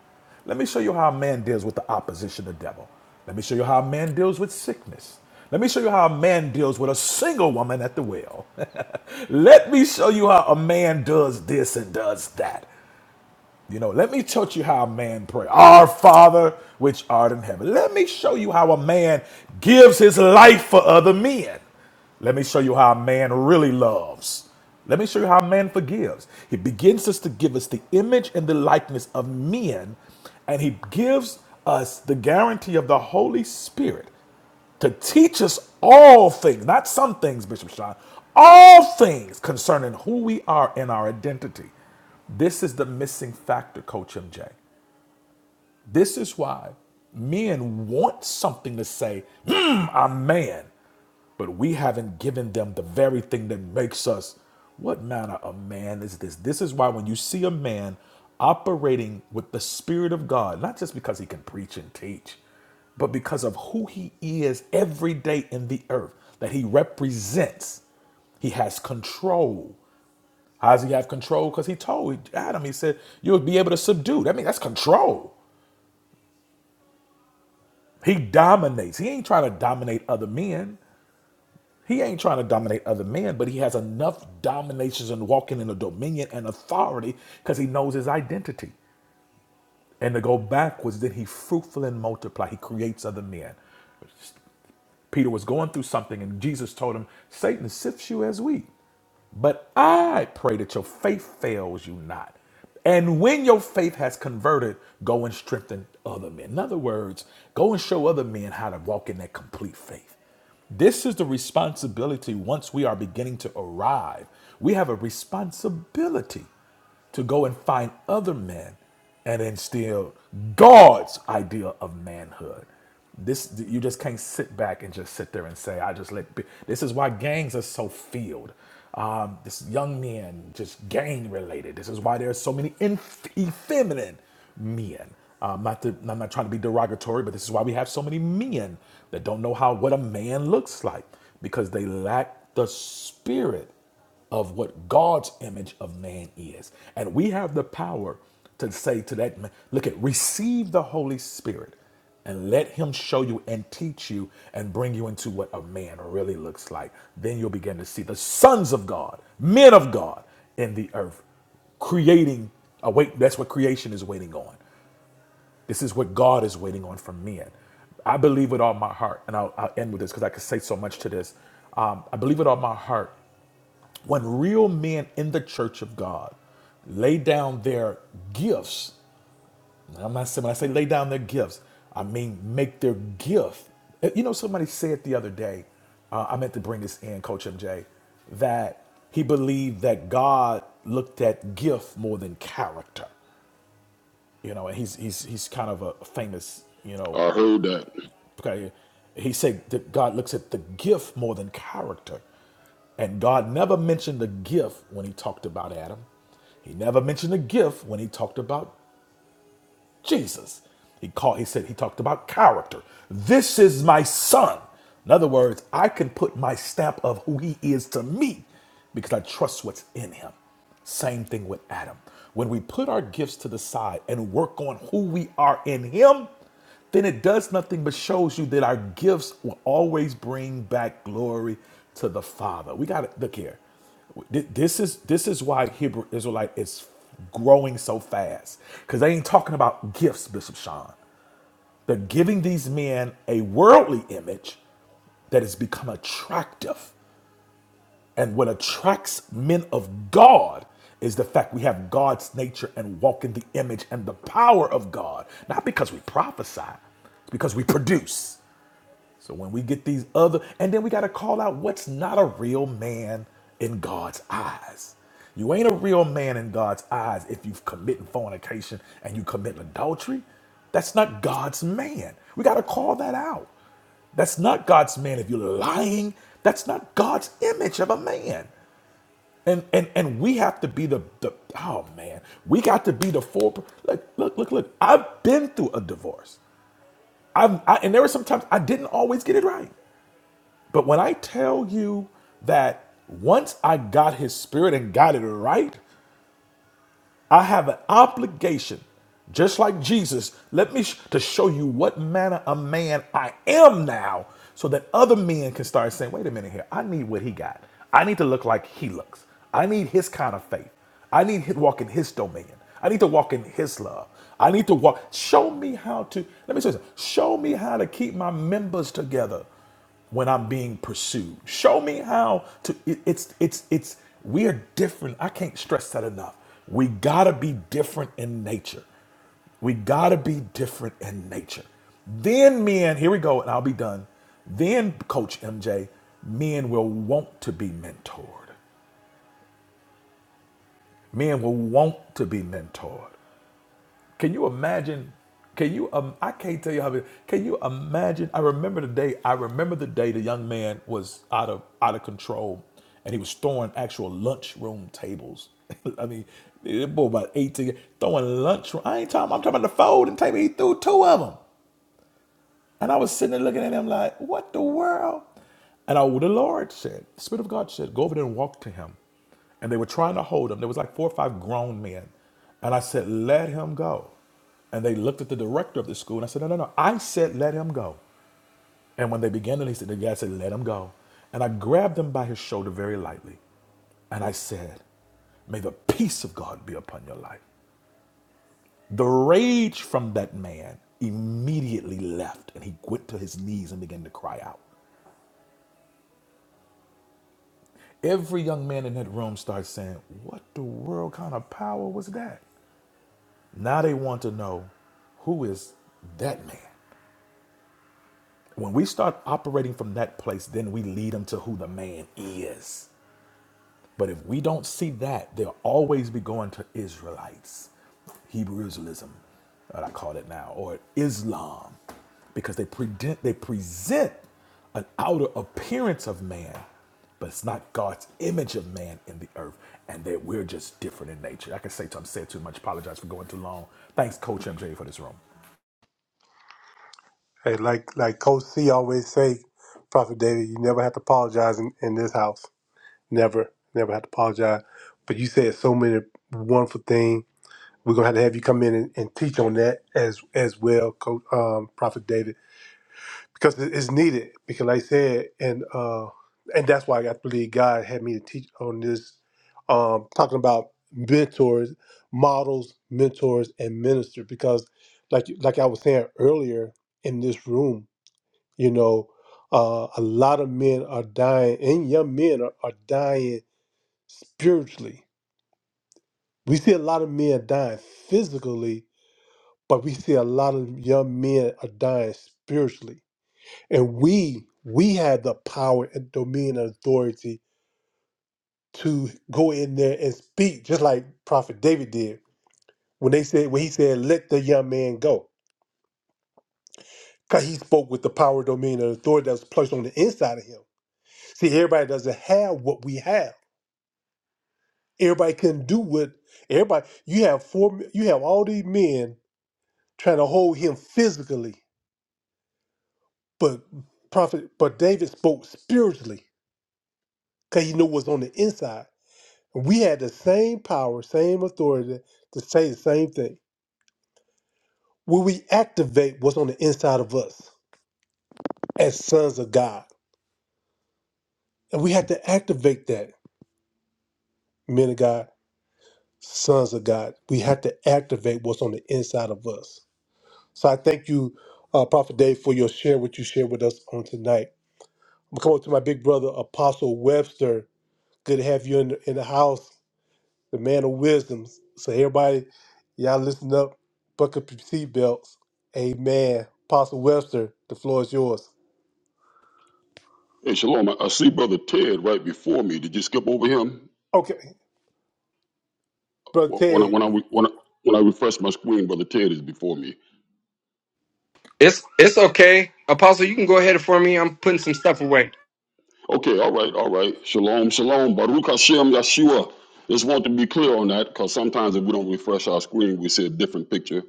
S4: Let me show you how a man deals with the opposition of the devil. Let me show you how a man deals with sickness. Let me show you how a man deals with a single woman at the well. Let me show you how a man does this and does that. You know, let me teach you how a man prays. Our Father, which art in heaven. Let me show you how a man gives his life for other men. Let me show you how a man really loves. Let me show you how a man forgives. He begins us to give us the image and the likeness of men, and he gives us the guarantee of the Holy Spirit to teach us all things, not some things, Bishop Sean, all things concerning who we are and our identity. This is the missing factor, Coach MJ. This is why men want something to say, "Mm, I'm man, but we haven't given them the very thing that makes us. What manner of man is this? This is why when you see a man operating with the Spirit of God, not just because he can preach and teach, but because of who he is every day in the earth, that he represents. He has control. How does he have control? Because he told Adam, he said, you'll be able to subdue. I mean, that's control. He dominates. He ain't trying to dominate other men. He ain't trying to dominate other men, but he has enough dominations and walking in a dominion and authority because he knows his identity. And to go backwards, then he fruitful and multiply. He creates other men. Peter was going through something, and Jesus told him, Satan sifts you as wheat. But I pray that your faith fails you not. And when your faith has converted, go and strengthen other men. In other words, go and show other men how to walk in that complete faith. This is the responsibility once we are beginning to arrive. We have a responsibility to go and find other men and instill God's idea of manhood. This you just can't sit back and just sit there and say, "I just let." Be. This is why gangs are so filled. Um, this young men just gang related. This is why there are so many inf- effeminate men. Um, not to, I'm not trying to be derogatory, but this is why we have so many men that don't know how what a man looks like because they lack the spirit of what God's image of man is. And we have the power to say to that man, look at receive the Holy Spirit and let him show you and teach you and bring you into what a man really looks like. Then you'll begin to see the sons of God, men of God in the earth, creating a Wait, that's what creation is waiting on. This is what God is waiting on from men. I believe with all my heart, and I'll, I'll end with this because I could say so much to this. Um, I believe with all my heart when real men in the church of God lay down their gifts, I'm not saying when I say lay down their gifts, I mean make their gift. Eh, You know, somebody said the other day, uh, I meant to bring this in, Coach MJ, that he believed that God looked at gift more than character. You know, and he's he's he's kind of a famous, you know,
S5: I heard that.
S4: Okay, he said that God looks at the gift more than character. And God never mentioned the gift when he talked about Adam. He never mentioned the gift when he talked about Jesus. He called, he said, he talked about character. This is my son. In other words, I can put my stamp of who he is to me because I trust what's in him. Same thing with Adam. When we put our gifts to the side and work on who we are in him, then it does nothing but shows you that our gifts will always bring back glory to the Father. We got to look here. Th- This is this is why Hebrew Israelite is growing so fast because they ain't talking about gifts, Bishop Sean. They're giving these men a worldly image that has become attractive, and what attracts men of God is the fact we have God's nature and walk in the image and the power of God, not because we prophesy, it's because we produce. So when we get these other, and then we got to call out what's not a real man in God's eyes. You ain't a real man in God's eyes if you've committed fornication and you commit adultery. That's not God's man. We got to call that out. That's not God's man. If you're lying, that's not God's image of a man. And and and we have to be the the oh man, we got to be the four. Look look look look. I've been through a divorce. I've I, and there were some times I didn't always get it right. But when I tell you that once I got his spirit and got it right, I have an obligation, just like Jesus, let me sh- to show you what manner of man I am now, so that other men can start saying, wait a minute here, I need what he got. I need to look like he looks. I need his kind of faith. I need to walk in his dominion. I need to walk in his love. I need to walk. Show me how to, let me say this. Show me how to keep my members together when I'm being pursued. Show me how to it- it's it's it's we are different. I can't stress that enough. We got to be different in nature. We got to be different in nature. Then men, here we go and I'll be done. Then coach MJ, men will want to be mentored. Men will want to be mentored. Can you imagine? Can you? Um, I can't tell you how. Can you imagine? I remember the day. I remember the day the young man was out of out of control, and he was throwing actual lunchroom tables. I mean, that boy about eighteen throwing lunchroom. I ain't talking. I'm talking about the folding table. He threw two of them. And I was sitting there looking at him like, what the world? And I, the Lord said, the Spirit of God said, go over there and walk to him. And they were trying to hold him. There was like four or five grown men. And I said, let him go. And they looked at the director of the school. And I said, no, no, no. I said, let him go. And when they began to, he said, the guy said, let him go. And I grabbed him by his shoulder very lightly. And I said, May the peace of God be upon your life. The rage from that man immediately left, and he went to his knees and began to cry out. Every young man in that room starts saying, What the world kind of power was that? Now they want to know who is that man. When we start operating from that place, then we lead them to who the man is. But if we don't see that, they'll always be going to Israelites, Hebrew Israelism, what I call it now, or Islam, because they present they present an outer appearance of man, but it's not God's image of man in the earth, and that we're just different in nature. I can say something said too much. Apologize for going too long. Thanks, Coach MJ, for this room.
S1: Hey, like like Coach C always say, Prophet David, you never have to apologize in, in this house. Never, never have to apologize. But you said so many wonderful things. We're gonna have to have you come in and, and teach on that as as well, Coach um, Prophet David, because it- it's needed. Because like I said, and uh, and that's why I believe God had me to teach on this, um, talking about mentors, models, mentors, and minister. Because like like I was saying earlier in this room you know, uh, a lot of men are dying, and young men are, are dying spiritually. We see a lot of men dying physically, but we see a lot of young men are dying spiritually. And we we have the power and dominion and authority to go in there and speak, just like Prophet David did when they said when he said, "Let the young man go," because he spoke with the power, dominion, and authority that was placed on the inside of him. See, everybody doesn't have what we have Everybody couldn't do what everybody. You have four. You have all these men trying to hold him physically, but prophet, but David spoke spiritually because he knew what's on the inside. We had the same power, same authority to say the same thing. Will we activate what's on the inside of us as sons of God? And we have to activate that, men of God, sons of God. We have to activate what's on the inside of us. So I thank you, uh, Prophet Dave, for your share, what you shared with us on tonight. I'm coming to my big brother, Apostle Webster. Good to have you in the, in the house, the man of wisdom. So everybody, y'all listen up, buckle up your seatbelts. Amen. Apostle Webster, the floor is yours.
S5: Hey, Shalom, I I see Brother Ted right before me. Did you skip over him?
S1: Okay, Brother
S5: Wh- When I,
S1: Ted.
S5: when I, re- when I, when I refresh my screen, Brother Ted is before me.
S6: It's it's okay, Apostle. You can go ahead for me. I'm putting some stuff away.
S5: Okay, all right, all right. Shalom, shalom. Baruch Hashem Yeshua. Just want to be clear on that because sometimes if we don't refresh our screen, we see a different picture.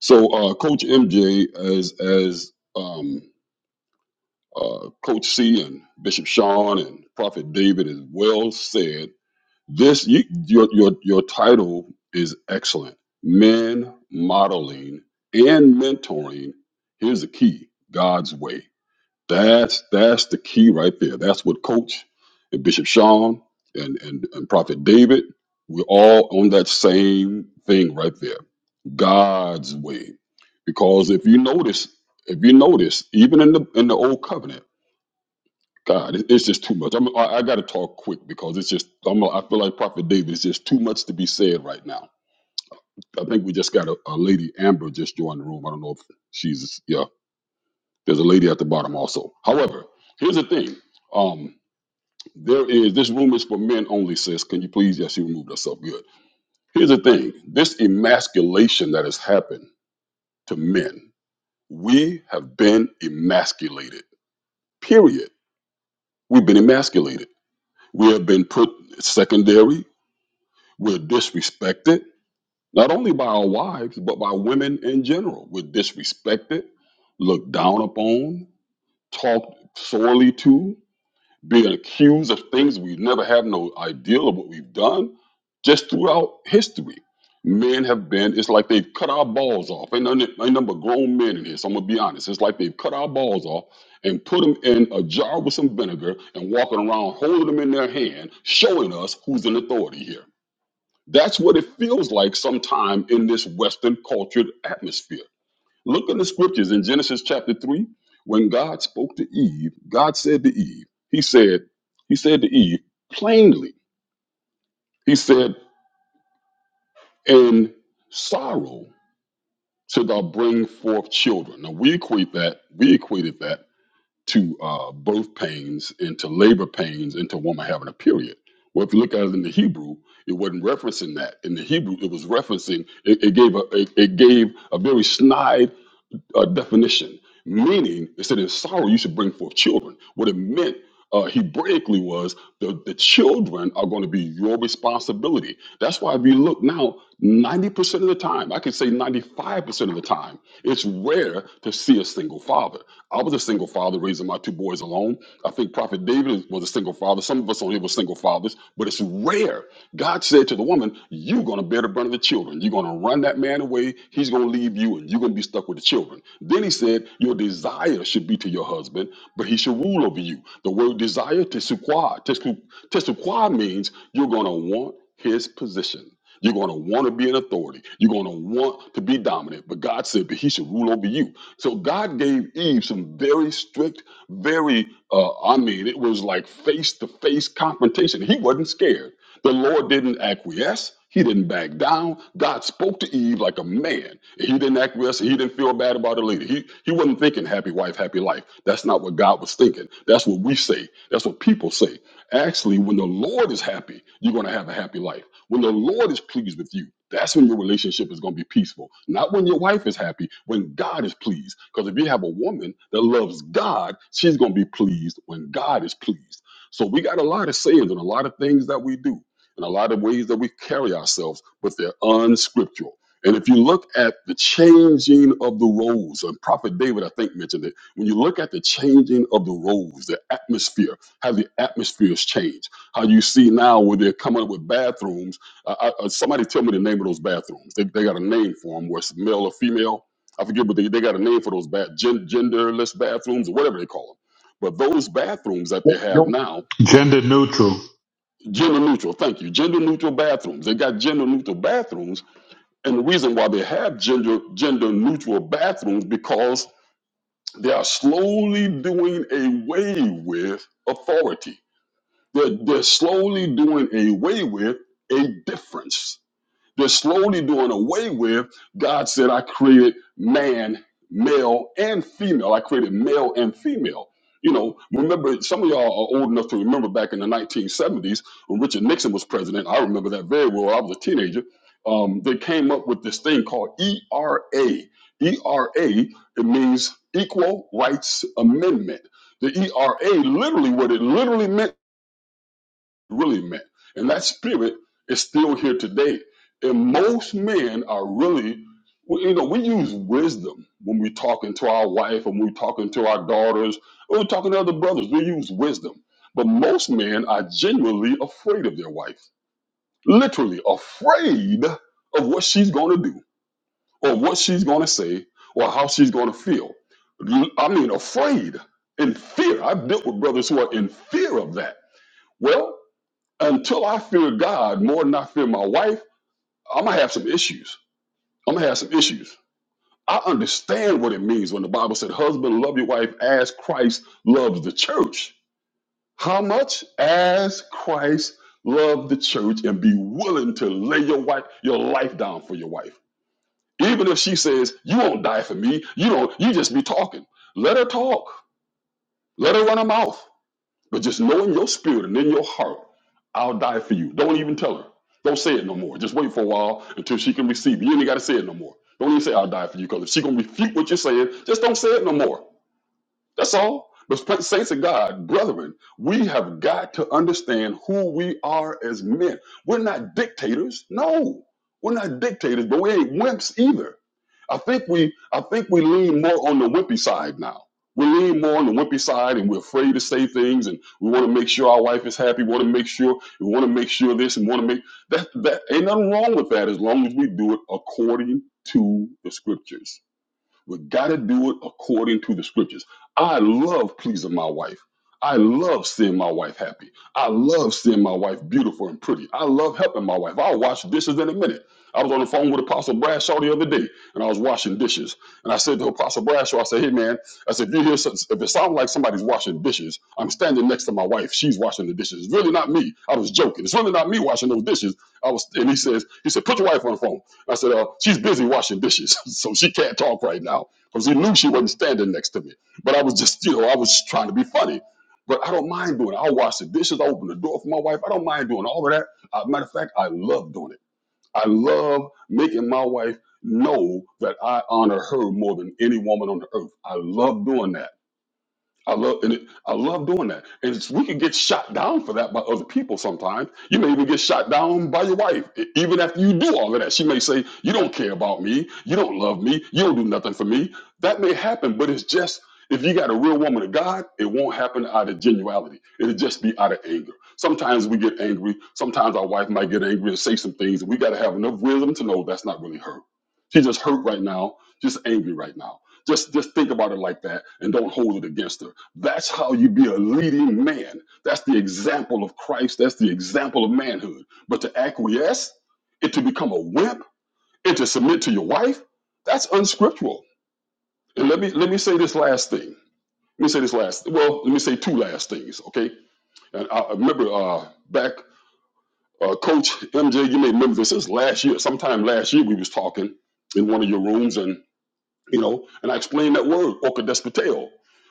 S5: So, uh, Coach MJ, as as um, uh, Coach C and Bishop Sean and Prophet David as well said, This you, your your your title is excellent. Men modeling and mentoring. Here's the key: God's way. That's that's the key right there. That's what Coach and Bishop Sean and and, and Prophet David. We're all on that same thing right there. God's way. Because if you notice, if you notice, even in the in the old covenant. God, it- it's just too much. I'm, I, I got to talk quick because it's just I'm, I feel like Prophet David is just too much to be said right now. I think we just got a, a lady Amber just joined the room. I don't know if she's yeah. There's a lady at the bottom also. However, here's the thing. Um, there is this room is for men only, sis. Can you please? Yes, she removed herself. Good. Here's the thing. This emasculation that has happened to men, we have been emasculated. Period. We've been emasculated. We have been put secondary. We're disrespected, not only by our wives, but by women in general. We're disrespected, looked down upon, talked sorely to, being accused of things we never have no idea of what we've done just throughout history. Men have been, it's like they've cut our balls off. Ain't, none, ain't number grown men in here, so I'm gonna be honest. It's like they've cut our balls off and put them in a jar with some vinegar and walking around holding them in their hand, showing us who's in authority here. That's what it feels like sometime in this Western cultured atmosphere. Look in the scriptures in Genesis chapter 3. When God spoke to Eve, God said to Eve, He said, He said to Eve plainly, He said, In sorrow shalt thou bring forth children. Now we equate that, we equated that to uh, birth pains and to labor pains and to a woman having a period. Well, if you look at it in the Hebrew, it wasn't referencing that. In the Hebrew, it was referencing. It, it gave a it, it gave a very snide a definition, meaning it said in sorrow you should bring forth children. What it meant uh, Hebraically was the, the children are going to be your responsibility. That's why if you look now, 90% of the time, I could say 95% of the time, it's rare to see a single father. I was a single father raising my two boys alone. I think Prophet David was a single father. Some of us on here were single fathers, but it's rare. God said to the woman, You're going to bear the brunt of the children. You're going to going to run that man away. He's going to leave you and you're going to be stuck with the children. Then he said, Your desire should be to your husband, but he should rule over you. The word desire, tesukwa, tesu- tesukwa means you're going to want his position. You're going to want to be an authority. You're going to want to be dominant. But God said, but he should rule over you. So God gave Eve some very strict, very, uh, I mean, it was like face to face confrontation. He wasn't scared. The Lord didn't acquiesce. He didn't back down. God spoke to Eve like a man. He didn't acquiesce. He didn't feel bad about it later. He, he wasn't thinking happy wife, happy life. That's not what God was thinking. That's what we say. That's what people say. Actually, when the Lord is happy, you're going to have a happy life. When the Lord is pleased with you, that's when your relationship is going to be peaceful. Not when your wife is happy, when God is pleased. Because if you have a woman that loves God, she's going to be pleased when God is pleased. So we got a lot of sayings and a lot of things that we do and a lot of ways that we carry ourselves, but they're unscriptural. And if you look at the changing of the roles, and Prophet David, I think, mentioned it. When you look at the changing of the roles, the atmosphere, how the atmospheres change, how you see now where they're coming up with bathrooms. Uh, I, I- somebody tell me the name of those bathrooms. They, they got a name for them, where it's male or female. I forget, but they, they got a name for those bat, gen, genderless bathrooms or whatever they call them. But those bathrooms that they have now,
S7: Gender neutral.
S5: Gender neutral, thank you. Gender neutral bathrooms. They got gender neutral bathrooms. And the reason why they have gender gender neutral bathrooms because they are slowly doing away with authority. They're, they're slowly doing away with a difference they're slowly doing away with God said, I created man, male, and female. I created male and female. You know, remember, some of y'all are old enough to remember back in the 1970s when Richard Nixon was president. I remember that very well. I was a teenager. Um, they came up with this thing called ERA. ERA, it means Equal Rights Amendment. The ERA, literally, what it literally meant really meant. And that spirit is still here today. And most men are really, well, you know, we use wisdom when we're talking to our wife and we're talking to our daughters or we're talking to other brothers. We use wisdom. But most men are genuinely afraid of their wife, literally afraid of what she's going to do or what she's going to say or how she's going to feel. I mean, afraid and fear. I've dealt with brothers who are in fear of that. Well, until I fear God more than I fear my wife, I'm gonna have some issues. I'm gonna have some issues. I understand what it means when the Bible said, Husband, love your wife as Christ loves the church. How much? As Christ loved the church and be willing to lay your wife, your life down for your wife. Even if she says, You won't die for me, you don't, you just be talking. Let her talk. Let her run her mouth. But just know in your spirit and in your heart, I'll die for you. Don't even tell her. Don't say it no more. Just wait for a while until she can receive. You You ain't got to say it no more. Don't even say I'll die for you because if she gonna refute what you're saying, just don't say it no more. That's all. The sp- saints of God, brethren, we have got to understand who we are as men. We're not dictators. No, we're not dictators, but we ain't wimps either. I think we, I think we lean more on the wimpy side now. We lean more on the wimpy side, and we're afraid to say things, and we want to make sure our wife is happy. We want to make sure we want to make sure this, and want to make that. That ain't nothing wrong with that, as long as we do it according to the scriptures. We got to do it according to the scriptures. I love pleasing my wife. I love seeing my wife happy. I love seeing my wife beautiful and pretty. I love helping my wife. I'll wash dishes in a minute. I was on the phone with Apostle Bradshaw the other day, and I was washing dishes. And I said to Apostle Bradshaw, I said, "Hey man, I said if you hear some- if it sounds like somebody's washing dishes, I'm standing next to my wife. She's washing the dishes. It's really not me. I was joking. It's really not me washing those dishes. I was." And he says, "He said, put your wife on the phone." I said, uh, "She's busy washing dishes, so she can't talk right now." Because he knew she wasn't standing next to me. But I was just, you know, I was trying to be funny. But I don't mind doing it. I'll wash the dishes. I'll open the door for my wife. I don't mind doing all of that. Uh, matter of fact, I love doing it. I love making my wife know that I honor her more than any woman on the earth. I love doing that. I love and it, I love doing that. And it's, we can get shot down for that by other people sometimes. You may even get shot down by your wife, e- even after you do all of that. She may say, "You don't care about me. You don't love me. You don't do nothing for me." That may happen, but it's just if you got a real woman of God, it won't happen out of genuality. It'll just be out of anger. Sometimes we get angry. Sometimes our wife might get angry and say some things. And we got to have enough wisdom to know that's not really her. She's just hurt right now. Just angry right now. Just just think about it like that and don't hold it against her that's how you be a leading man. That's the example of Christ. That's the example of manhood. But to acquiesce and to become a wimp and to submit to your wife, that's unscriptural. And let me let me say this last thing. Let me say this last. Well, let me say two last things. Okay. And I I remember uh, back, uh, Coach MJ. You may remember this. This was last year, sometime last year, we was talking in one of your rooms, you know, and I explained that word, orchidespoteo.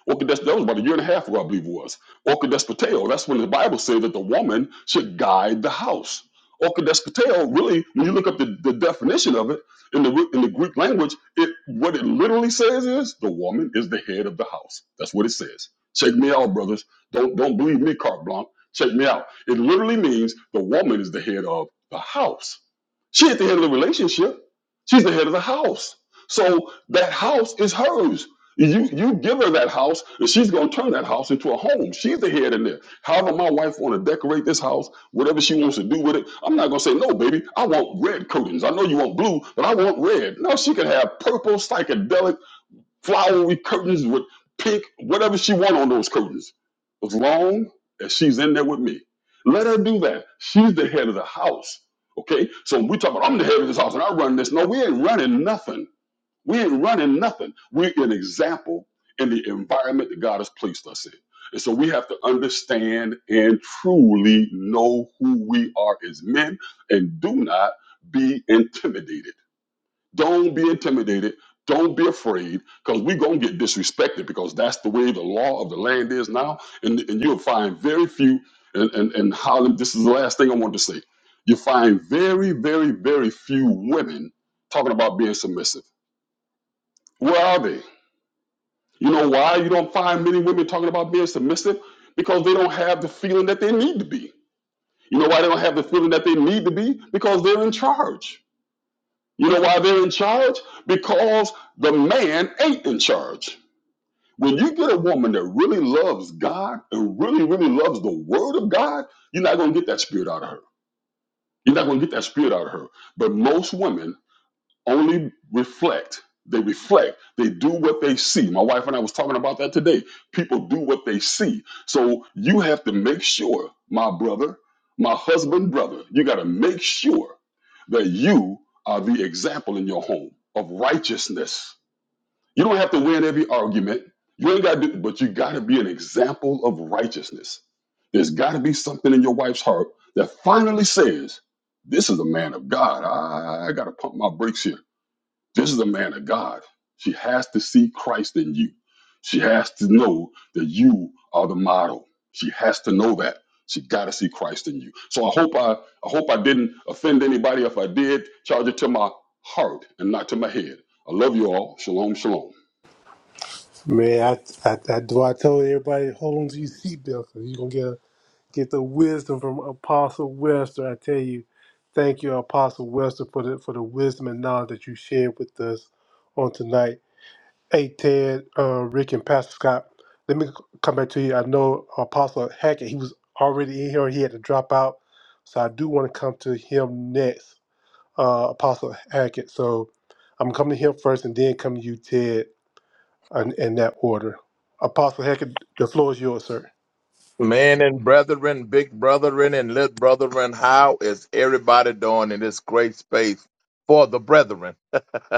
S5: Orchides, that was about a year and a half ago, I believe it was. Orchidespoteo, that's when the Bible says that the woman should guide the house. Orchidespoteo, really, when you look up the, the definition of it in the, in the Greek language, it what it literally says is the woman is the head of the house. That's what it says. Check me out, brothers. Don't don't believe me, carte blanche. Check me out. It literally means the woman is the head of the house. She at the head of the relationship. She's the head of the house. So that house is hers. You you give her that house, and she's gonna turn that house into a home. She's the head in there. However, my wife wanna decorate this house, whatever she wants to do with it. I'm not gonna say no, baby. I want red curtains. I know you want blue, but I want red. No, she can have purple, psychedelic, flowery curtains with pink, whatever she want on those curtains, as long as she's in there with me. Let her do that. She's the head of the house. Okay, so we talk about I'm the head of this house and I run this. No, we ain't running nothing. We ain't running nothing. We're an example in the environment that God has placed us in. And so we have to understand and truly know who we are as men and do not be intimidated. Don't be intimidated. Don't be afraid because we're going to get disrespected because that's the way the law of the land is now. And, and you'll find very few, and, and, and Harlem, this is the last thing I want to say. You find very, very, very few women talking about being submissive. Where are they? You know why you don't find many women talking about being submissive? Because they don't have the feeling that they need to be. You know why they don't have the feeling that they need to be? Because they're in charge. You know why they're in charge? Because the man ain't in charge. When you get a woman that really loves God and really, really loves the word of God, you're not going to get that spirit out of her. You're not going to get that spirit out of her. But most women only reflect. They reflect. They do what they see. My wife and I was talking about that today. People do what they see. So you have to make sure, my brother, my husband, brother, you got to make sure that you are the example in your home of righteousness. You don't have to win every argument. You ain't got to do, but you got to be an example of righteousness. There's got to be something in your wife's heart that finally says, this is a man of God. I, I got to pump my brakes here this is a man of God. She has to see Christ in you. She has to know that you are the model. She has to know that. She got to see Christ in you. So I hope I, I hope I didn't offend anybody. If I did, charge it to my heart and not to my head. I love you all. Shalom, shalom.
S1: Man, I, I, I, do I told everybody, hold on to your seatbelt because you're going to get a Get the wisdom from Apostle Webster. I tell you, thank you, Apostle Webster, for the for the wisdom and knowledge that you shared with us on tonight. Hey, Ted, uh, Rick, and Pastor Scott, let me c- come back to you. I know Apostle Hackett, he was already in here. He had to drop out. So I do want to come to him next, uh, Apostle Hackett. So I'm coming to him first and then come to you, Ted, in, in that order. Apostle Hackett, the floor is yours, sir.
S8: Man and brethren, big brethren and little brethren, how is everybody doing in this great space for the brethren?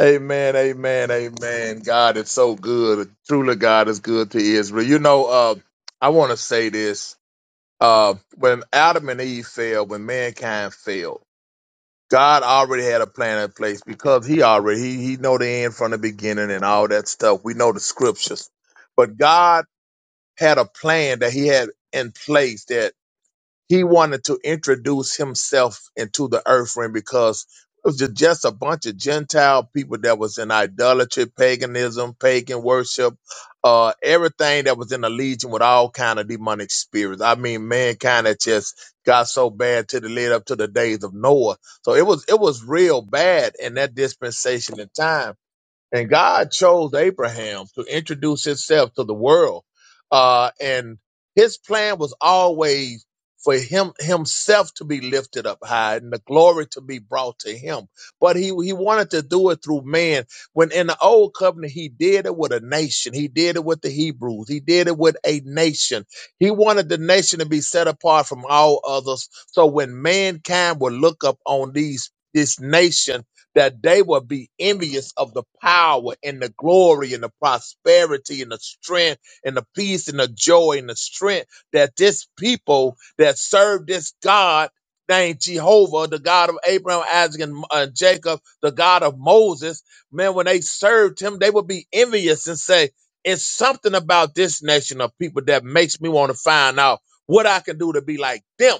S8: amen, amen, amen. God is so good. Truly, God is good to Israel. You know, uh, I want to say this. Uh, when Adam and Eve fell, when mankind fell, God already had a plan in place because He already He, he know the end from the beginning and all that stuff. We know the scriptures, but God had a plan that he had in place that he wanted to introduce himself into the earth realm because it was ju- just a bunch of Gentile people that was in idolatry, paganism, pagan worship, uh, everything that was in the legion with all kind of demonic spirits. I mean, mankind had just got so bad to the lead up to the days of Noah. So it was it was real bad in that dispensation of time. And God chose Abraham to introduce himself to the world. Uh, and his plan was always for him himself to be lifted up high and the glory to be brought to him. But he he wanted to do it through man. When in the old covenant, he did it with a nation. He did it with the Hebrews. He did it with a nation. He wanted the nation to be set apart from all others. So when mankind would look up on these this nation that they will be envious of the power and the glory and the prosperity and the strength and the peace and the joy and the strength that this people that serve this God named Jehovah, the God of Abraham, Isaac, and uh, Jacob, the God of Moses, man, when they served him, they would be envious and say, it's something about this nation of people that makes me want to find out what I can do to be like them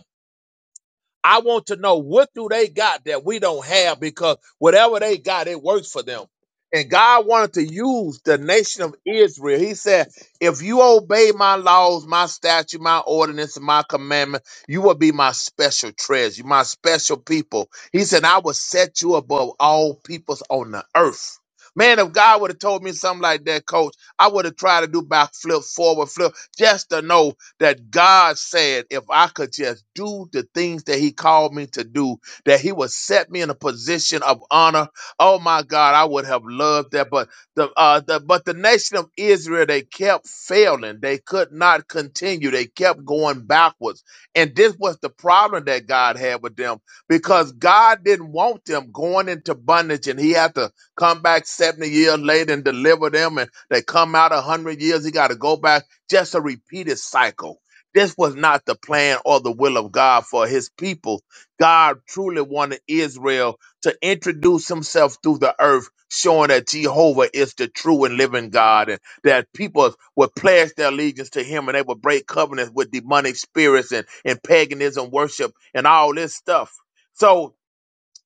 S8: I want to know what do they got that we don't have because whatever they got, it works for them. And God wanted to use the nation of Israel. He said, if you obey my laws, my statute, my ordinance, and my commandment, you will be my special treasure, my special people. He said, I will set you above all peoples on the earth. Man, if God would have told me something like that, coach, I would have tried to do backflip, forward flip, just to know that God said, if I could just do the things that He called me to do, that He would set me in a position of honor. Oh my God, I would have loved that. But the, uh, the but the nation of Israel, they kept failing. They could not continue. They kept going backwards, and this was the problem that God had with them because God didn't want them going into bondage, and He had to come back seventy years later and deliver them, and they come out a hundred years. He got to go back just a repeated cycle. This was not the plan or the will of God for his people. God truly wanted Israel to introduce himself through the earth, showing that Jehovah is the true and living God, and that people would pledge their allegiance to him and they would break covenants with demonic spirits and, and paganism worship and all this stuff. So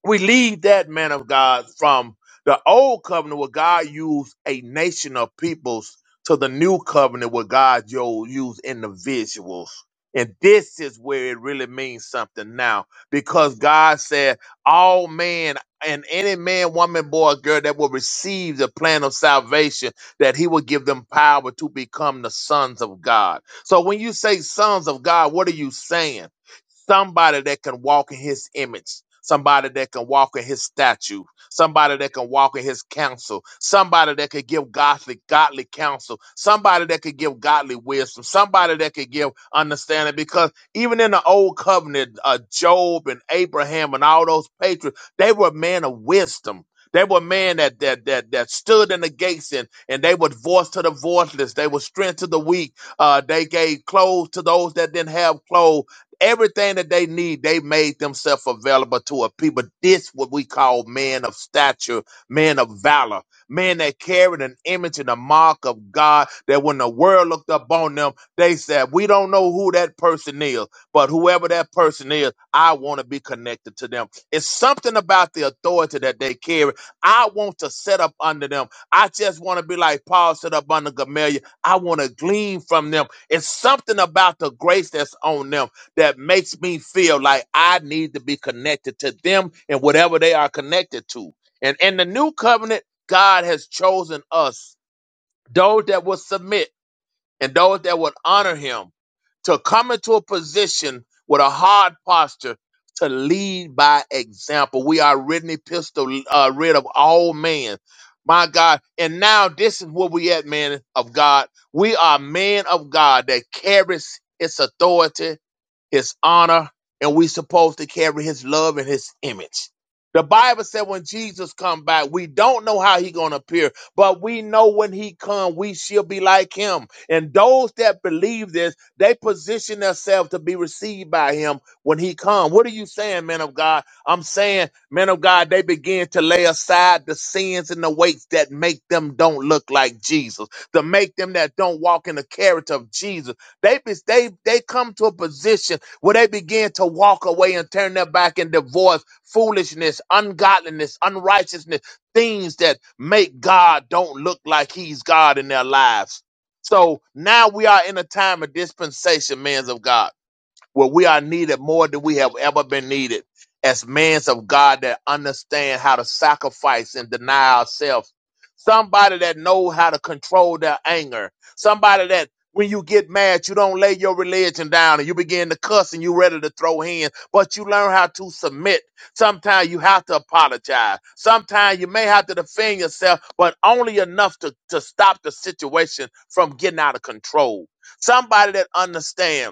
S8: we leave that man of God from the old covenant where God used a nation of peoples to the new covenant where God yo- used individuals. And this is where it really means something now because God said, All man and any man, woman, boy, girl that will receive the plan of salvation, that he will give them power to become the sons of God. So when you say sons of God, what are you saying? Somebody that can walk in his image. Somebody that can walk in his statue. Somebody that can walk in his counsel. Somebody that could give godly, godly counsel. Somebody that could give godly wisdom. Somebody that could give understanding. Because even in the old covenant, uh, Job and Abraham and all those patriots, they were men of wisdom. They were men that that that that stood in the gates and, and they would voice to the voiceless. They would strength to the weak. Uh, they gave clothes to those that didn't have clothes. Everything that they need, they made themselves available to a people. This what we call men of stature, men of valor, men that carried an image and a mark of God. That when the world looked upon them, they said, "We don't know who that person is, but whoever that person is, I want to be connected to them." It's something about the authority that they carry. I want to set up under them. I just want to be like Paul set up under Gamaliel. I want to glean from them. It's something about the grace that's on them that makes me feel like I need to be connected to them and whatever they are connected to. And in the new covenant, God has chosen us, those that will submit and those that would honor him to come into a position with a hard posture to lead by example. We are rid and epistle, uh, rid of all man. My God. And now this is where we at, man of God. We are men of God that carries His authority, his honor, and we supposed to carry his love and his image. The Bible said when Jesus come back, we don't know how he gonna appear, but we know when he come, we shall be like him and those that believe this, they position themselves to be received by him when he comes. What are you saying, man of God? I'm saying, man of God, they begin to lay aside the sins and the weights that make them don't look like Jesus, to make them that don't walk in the character of Jesus. They be- they they come to a position where they begin to walk away and turn their back and divorce foolishness, ungodliness, unrighteousness, things that make God don't look like He's God in their lives. So now we are in a time of dispensation, men of God where we are needed more than we have ever been needed as men of God that understand how to sacrifice and deny ourselves. Somebody that know how to control their anger. Somebody that when you get mad, you don't lay your religion down and you begin to cuss and you ready to throw hands, but you learn how to submit. Sometimes you have to apologize. Sometimes you may have to defend yourself, but only enough to, to stop the situation from getting out of control. Somebody that understands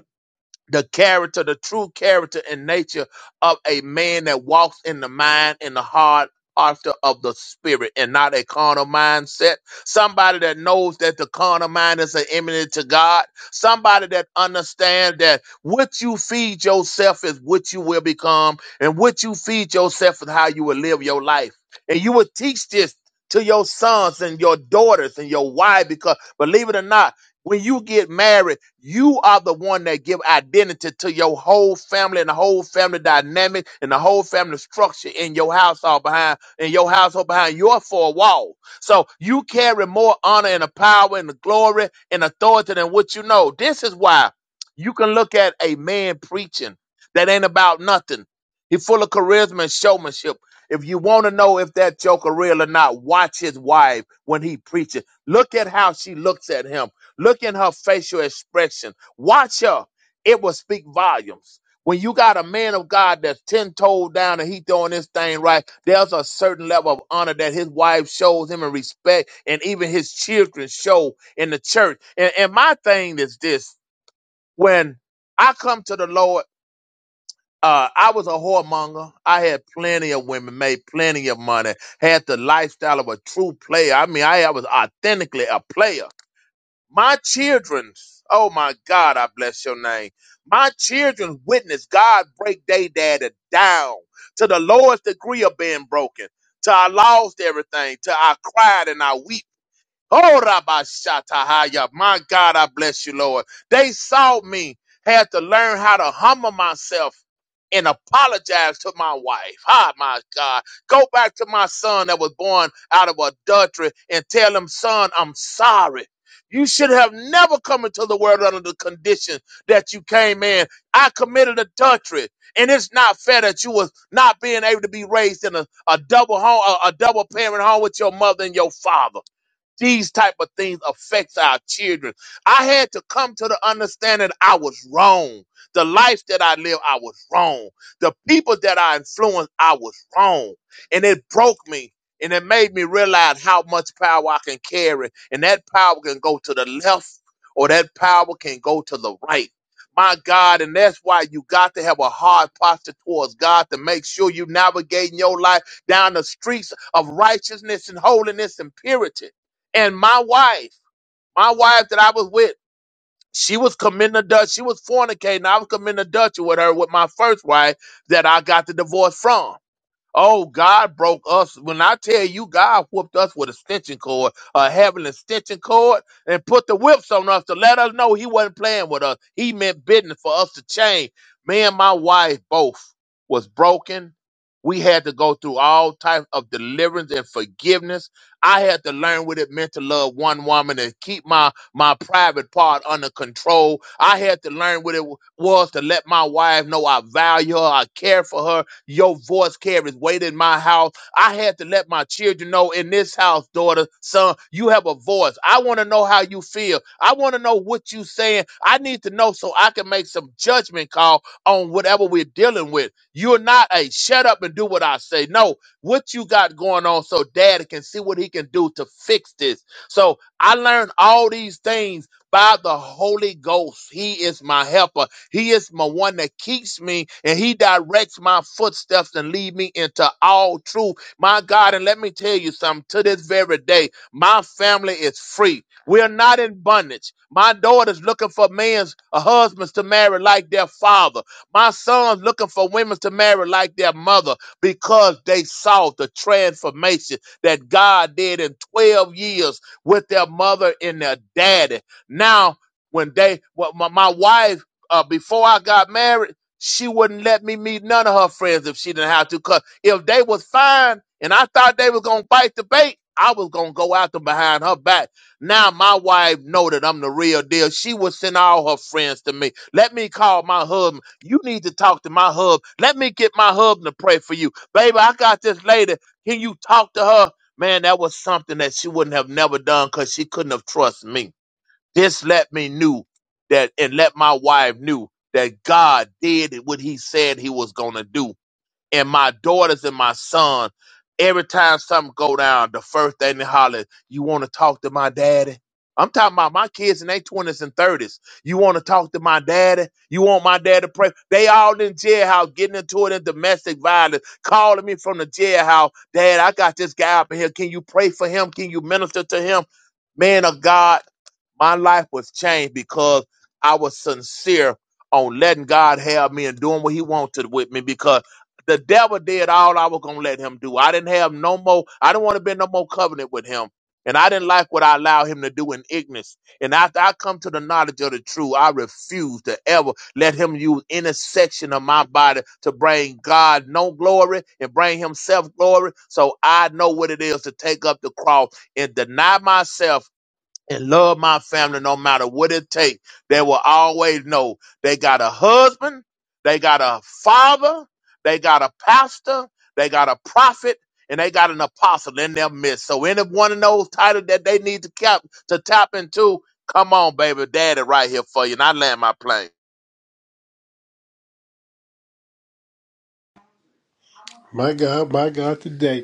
S8: the character, the true character and nature of a man that walks in the mind and the heart after of the spirit and not a carnal mindset. Somebody that knows that the carnal mind is an enemy to God. Somebody that understands that what you feed yourself is what you will become, and what you feed yourself is how you will live your life. And you will teach this to your sons and your daughters and your wife because believe it or not when you get married, you are the one that give identity to your whole family and the whole family dynamic and the whole family structure in your household behind in your household behind your four walls. So you carry more honor and the power and the glory and authority than what you know. This is why you can look at a man preaching that ain't about nothing. He's full of charisma and showmanship. If you want to know if that joker real or not, watch his wife when he preaches. Look at how she looks at him Look in her facial expression. Watch her. It will speak volumes. When you got a man of God that's ten toes down and he doing this thing right, there's a certain level of honor that his wife shows him and respect, and even his children show in the church. And, and my thing is this: when I come to the Lord, uh, I was a whoremonger. I had plenty of women, made plenty of money, had the lifestyle of a true player. I mean, I I was authentically a player. My children, oh my God, I bless your name. My children witness God break they daddy down to the lowest degree of being broken, to I lost everything, to I cried and I weeping. Oh, Rabba Shatahaya. My God, I bless you, Lord. They saw me, had to learn how to humble myself and apologize to my wife. Ah, my God. Go back to my son that was born out of adultery and tell him, son, I'm sorry. You should have never come into the world under the condition that you came in. I committed adultery. And it's not fair that you was not being able to be raised in a, a double home, a, a double parent home with your mother and your father these type of things affects our children i had to come to the understanding i was wrong the life that i live i was wrong the people that i influenced i was wrong and it broke me and it made me realize how much power i can carry and that power can go to the left or that power can go to the right my God, and that's why you got to have a hard posture towards God to make sure you navigating your life down the streets of righteousness and holiness and purity and my wife, my wife that I was with, she was committing adultery. She was fornicating. I was committing adultery with her with my first wife that I got the divorce from. Oh, God broke us. When I tell you, God whooped us with a stitching cord, uh, having a stitching cord, and put the whips on us to let us know He wasn't playing with us. He meant business for us to change. Me and my wife both was broken. We had to go through all types of deliverance and forgiveness. I had to learn what it meant to love one woman and keep my my private part under control. I had to learn what it w- was to let my wife know I value her, I care for her, your voice carries weight in my house. I had to let my children know in this house, daughter, son, you have a voice. I want to know how you feel. I want to know what you saying. I need to know so I can make some judgment call on whatever we're dealing with. You're not a shut up and do what I say. No, what you got going on so daddy can see what he can do to fix this. So I learned all these things by the Holy Ghost. He is my helper. He is my one that keeps me and he directs my footsteps and lead me into all truth. My God, and let me tell you something to this very day, my family is free. We are not in bondage. My daughter's looking for men's uh, husbands to marry like their father. My son's looking for women to marry like their mother because they saw the transformation that God did in 12 years with their mother and their daddy. Now, when they, well, my, my wife uh, before I got married, she wouldn't let me meet none of her friends if she didn't have to. Cause if they was fine and I thought they was gonna bite the bait, I was gonna go out them behind her back. Now my wife know that I'm the real deal. She would send all her friends to me. Let me call my husband. You need to talk to my hub. Let me get my husband to pray for you, baby. I got this lady. Can you talk to her? Man, that was something that she wouldn't have never done because she couldn't have trusted me. This let me knew that, and let my wife knew that God did what He said He was gonna do. And my daughters and my son, every time something go down, the first thing they holler, "You want to talk to my daddy?" I'm talking about my kids in their twenties and thirties. You want to talk to my daddy? You want my dad to pray? They all in jailhouse getting into it in domestic violence, calling me from the jailhouse. Dad, I got this guy up in here. Can you pray for him? Can you minister to him? Man of God, my life was changed because I was sincere on letting God have me and doing what He wanted with me because the devil did all I was gonna let him do. I didn't have no more, I didn't want to be in no more covenant with him. And I didn't like what I allowed him to do in ignorance. And after I come to the knowledge of the truth, I refuse to ever let him use any section of my body to bring God no glory and bring himself glory. So I know what it is to take up the cross and deny myself and love my family no matter what it takes. They will always know they got a husband, they got a father, they got a pastor, they got a prophet, and they got an apostle in their midst. So any one of those titles that they need to cap to tap into, come on, baby, daddy right here for you. And I land my plane.
S1: My God, my God, today,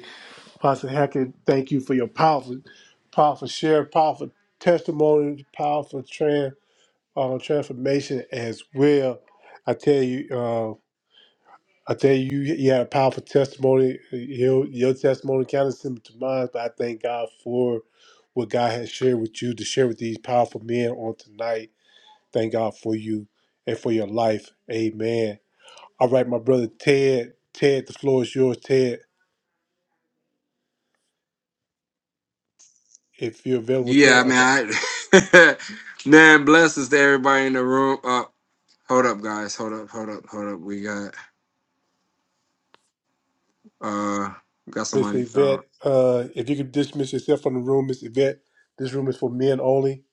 S1: Pastor Hackett, thank you for your powerful, powerful share, powerful testimony, powerful tran, uh, transformation as well. I tell you, uh, I tell you, you you had a powerful testimony. Your, your testimony kind of similar to mine, but I thank God for what God has shared with you to share with these powerful men on tonight. Thank God for you and for your life. Amen. All right, my brother Ted. Ted, the floor is yours, Ted. If you're available with
S6: Yeah, I
S1: okay.
S6: mean, I man, blessings to everybody in the room. Uh, hold up, guys. Hold up, hold up, hold up. We got uh, got
S1: Miss
S6: somebody. Uh,
S1: Yvette, uh, if you could dismiss yourself from the room, Miss Yvette, this room is for men only.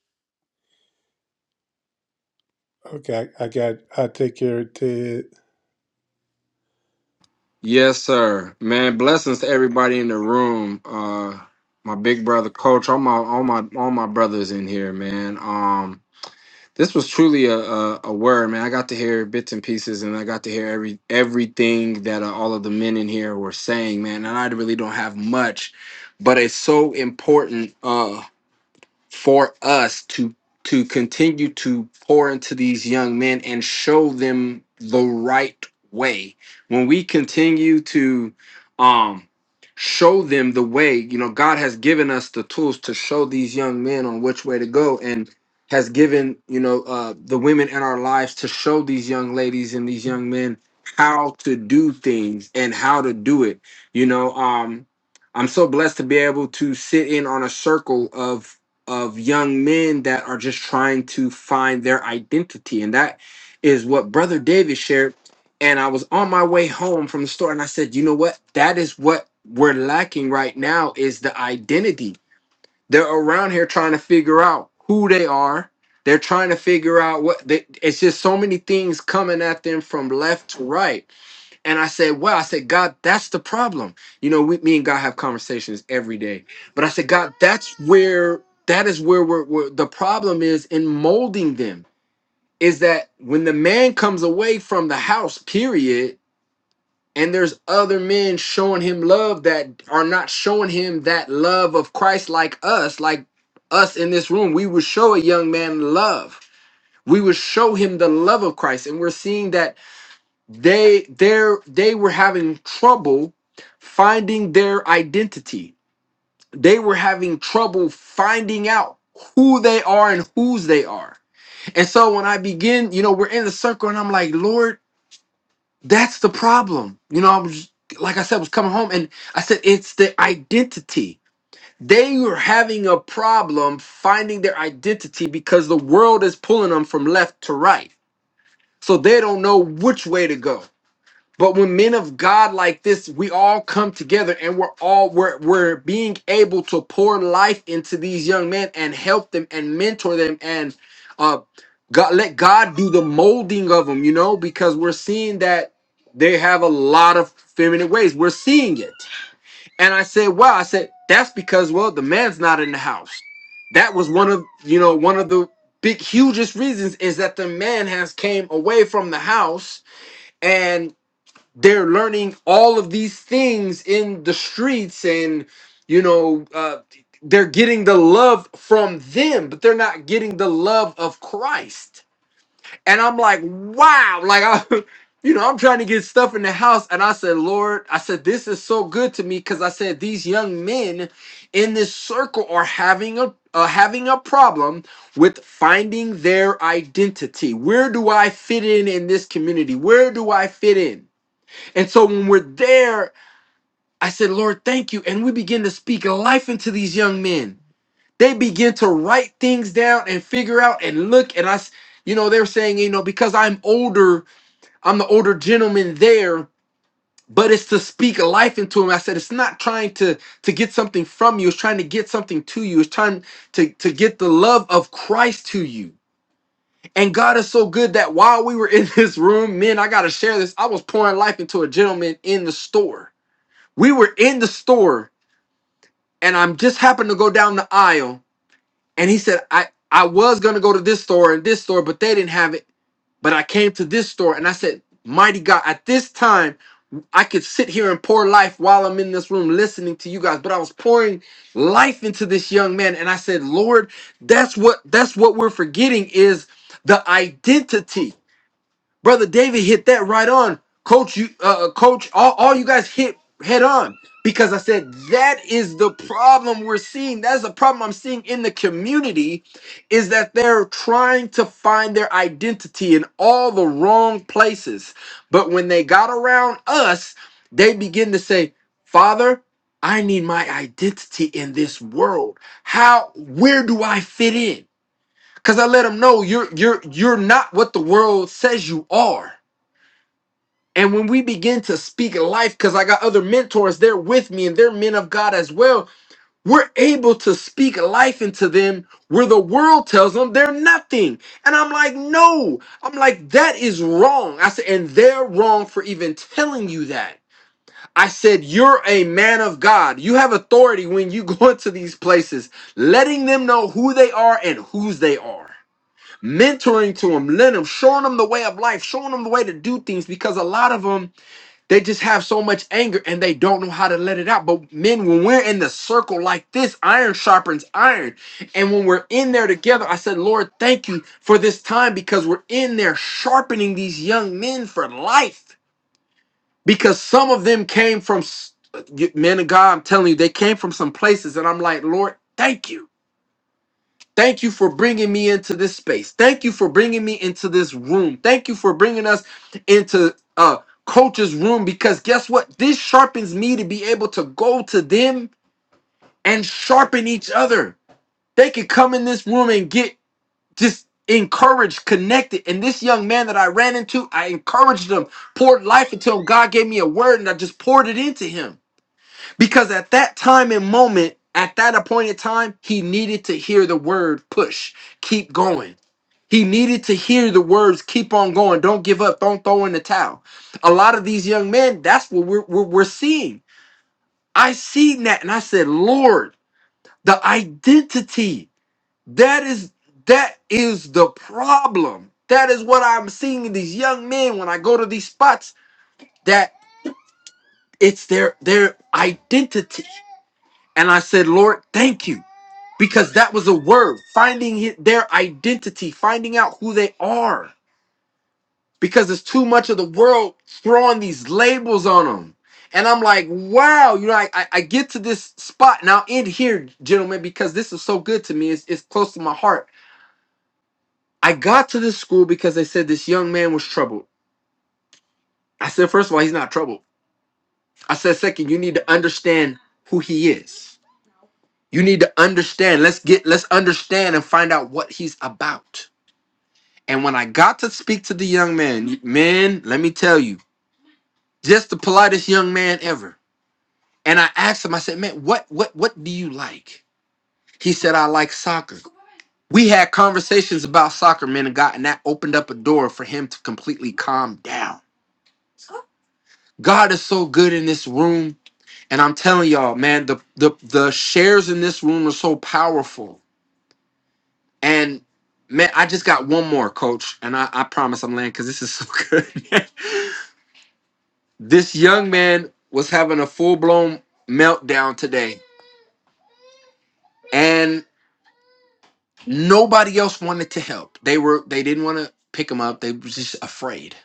S1: Okay, I, I got. I take care of Ted.
S6: yes, sir. Man, blessings to everybody in the room. Uh, my big brother, coach. All my all my all my brothers in here, man. Um. This was truly a, a a word, man. I got to hear bits and pieces, and I got to hear every everything that uh, all of the men in here were saying, man. And I really don't have much, but it's so important. Uh, for us to to continue to pour into these young men and show them the right way when we continue to um show them the way you know god has given us the tools to show these young men on which way to go and has given you know uh the women in our lives to show these young ladies and these young men how to do things and how to do it you know um I'm so blessed to be able to sit in on a circle of of young men that are just trying to find their identity. And that is what Brother David shared. And I was on my way home from the store and I said, you know what? That is what we're lacking right now is the identity. They're around here trying to figure out who they are. They're trying to figure out what they, it's just so many things coming at them from left to right and I said, wow, I said, God, that's the problem. You know, we, me and God have conversations every day. But I said, God, that's where, that is where we're, where the problem is in molding them is that when the man comes away from the house, period, and there's other men showing him love that are not showing him that love of Christ like us, like us in this room, we would show a young man love. We would show him the love of Christ. And we're seeing that they their they were having trouble finding their identity they were having trouble finding out who they are and whose they are and so when i begin you know we're in the circle and i'm like lord that's the problem you know i was like i said was coming home and i said it's the identity they were having a problem finding their identity because the world is pulling them from left to right so they don't know which way to go But when men of God like this, we all come together and we're all we're we're being able to pour life into these young men and help them and mentor them and uh God let God do the molding of them, you know, because we're seeing that they have a lot of feminine ways. We're seeing it. And I said, wow, I said, that's because well, the man's not in the house. That was one of you know, one of the big hugest reasons is that the man has came away from the house and they're learning all of these things in the streets and you know uh, they're getting the love from them but they're not getting the love of christ and i'm like wow like i you know i'm trying to get stuff in the house and i said lord i said this is so good to me because i said these young men in this circle are having a uh, having a problem with finding their identity where do i fit in in this community where do i fit in and so when we're there, I said, Lord, thank you. And we begin to speak life into these young men. They begin to write things down and figure out and look. And I, s- you know, they're saying, you know, because I'm older, I'm the older gentleman there, but it's to speak life into him. I said, it's not trying to to get something from you. It's trying to get something to you. It's trying to to get the love of Christ to you. And God is so good that while we were in this room, men, I gotta share this. I was pouring life into a gentleman in the store we were in the store and I'm just happened to go down the aisle and he said I I was going to go to this store and this store but they didn't have it but I came to this store and I said mighty God at this time I could sit here and pour life while I'm in this room listening to you guys but I was pouring life into this young man and I said Lord that's what that's what we're forgetting is the identity Brother David hit that right on. Coach, you, uh, uh, coach, all, all you guys hit head on because I said that is the problem we're seeing. That's the problem I'm seeing in the community is that they're trying to find their identity in all the wrong places. But when they got around us, they begin to say, Father, I need my identity in this world. How, where do I fit in? Because I let them know you're you're you're not what the world says you are. And when we begin to speak life, because I got other mentors, they're with me and they're men of God as well, we're able to speak life into them where the world tells them they're nothing. And I'm like, no, I'm like, that is wrong. I said, and they're wrong for even telling you that. I said, you're a man of God. You have authority when you go into these places, letting them know who they are and whose they are mentoring to them, letting them, showing them the way of life, showing them the way to do things because a lot of them they just have so much anger and they don't know how to let it out. But men, when we're in the circle like this, iron sharpens iron. And when we're in there together, I said, Lord, thank you for this time because we're in there sharpening these young men for life. Because some of them came from s- men of God, I'm telling you, they came from some places. And I'm like, Lord, thank you Thank you for bringing me into this space. Thank you for bringing me into this room. Thank you for bringing us into uh coach's room because guess what? This sharpens me to be able to go to them and sharpen each other. They could come in this room and get just encouraged, connected. And this young man that I ran into, I encouraged him, poured life into him. God gave me a word and I just poured it into him. Because at that time and moment, at that appointed time, he needed to hear the word push. Keep going he needed to hear the words, keep on going, don't give up, don't throw in the towel. A lot of these young men, that's what we're, we're, we're seeing. I seen that and I said, Lord, the identity, that is, that is the problem. That is what I'm seeing in these young men when I go to these spots, that it's their, their identity. And I said, Lord, thank you. Because that was a word, finding hi- their identity, finding out who they are. because it's too much of the world throwing these labels on them. And I'm like, wow, you know, I, I, I get to this spot now end here, gentlemen, because this is so good to me. It's, it's close to my heart. I got to this school because they said this young man was troubled. I said, first of all, he's not troubled. I said, second, you need to understand who he is. You need to understand. Let's get, let's understand and find out what he's about. And when I got to speak to the young man, man, let me tell you, just the politest young man ever And I asked him, I said, man, what what what do you like? He said, I like soccer. We had conversations about soccer, man, and God, and that opened up a door for him to completely calm down. God is so good in this room. And I'm telling y'all, man, the the the shares in this room are so powerful. And man, I just got one more, coach. And I, I promise I'm laying because this is so good. this young man was having a full-blown meltdown today. and Nobody else wanted to help. They were they didn't want to pick him up. They were just afraid.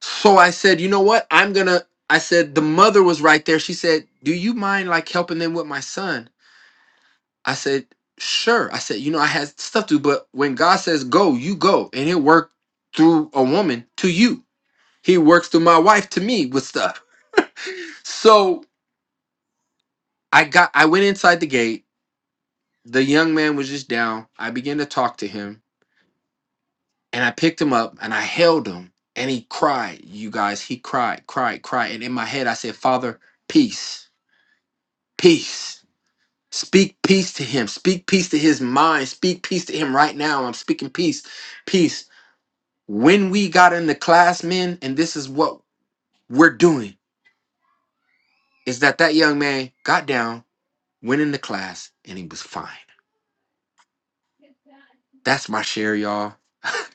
S6: So I said, you know what? I'm gonna. I said the mother was right there. She said, do you mind like helping them with my son? I said, sure. I said, you know, I had stuff to, do, but when God says go, you go, and He'll work through a woman to you. He works through my wife to me with stuff. So I got. I went inside the gate. The young man was just down. I began to talk to him And I picked him up and I held him and he cried, you guys. He cried, cried, cried. And in my head, I said, Father, peace, peace. Speak peace to him. Speak peace to his mind. Speak peace to him right now. I'm speaking peace, peace. When we got in the class, men, and this is what we're doing, is that that young man got down, went in the class, and he was fine. That's my share, y'all.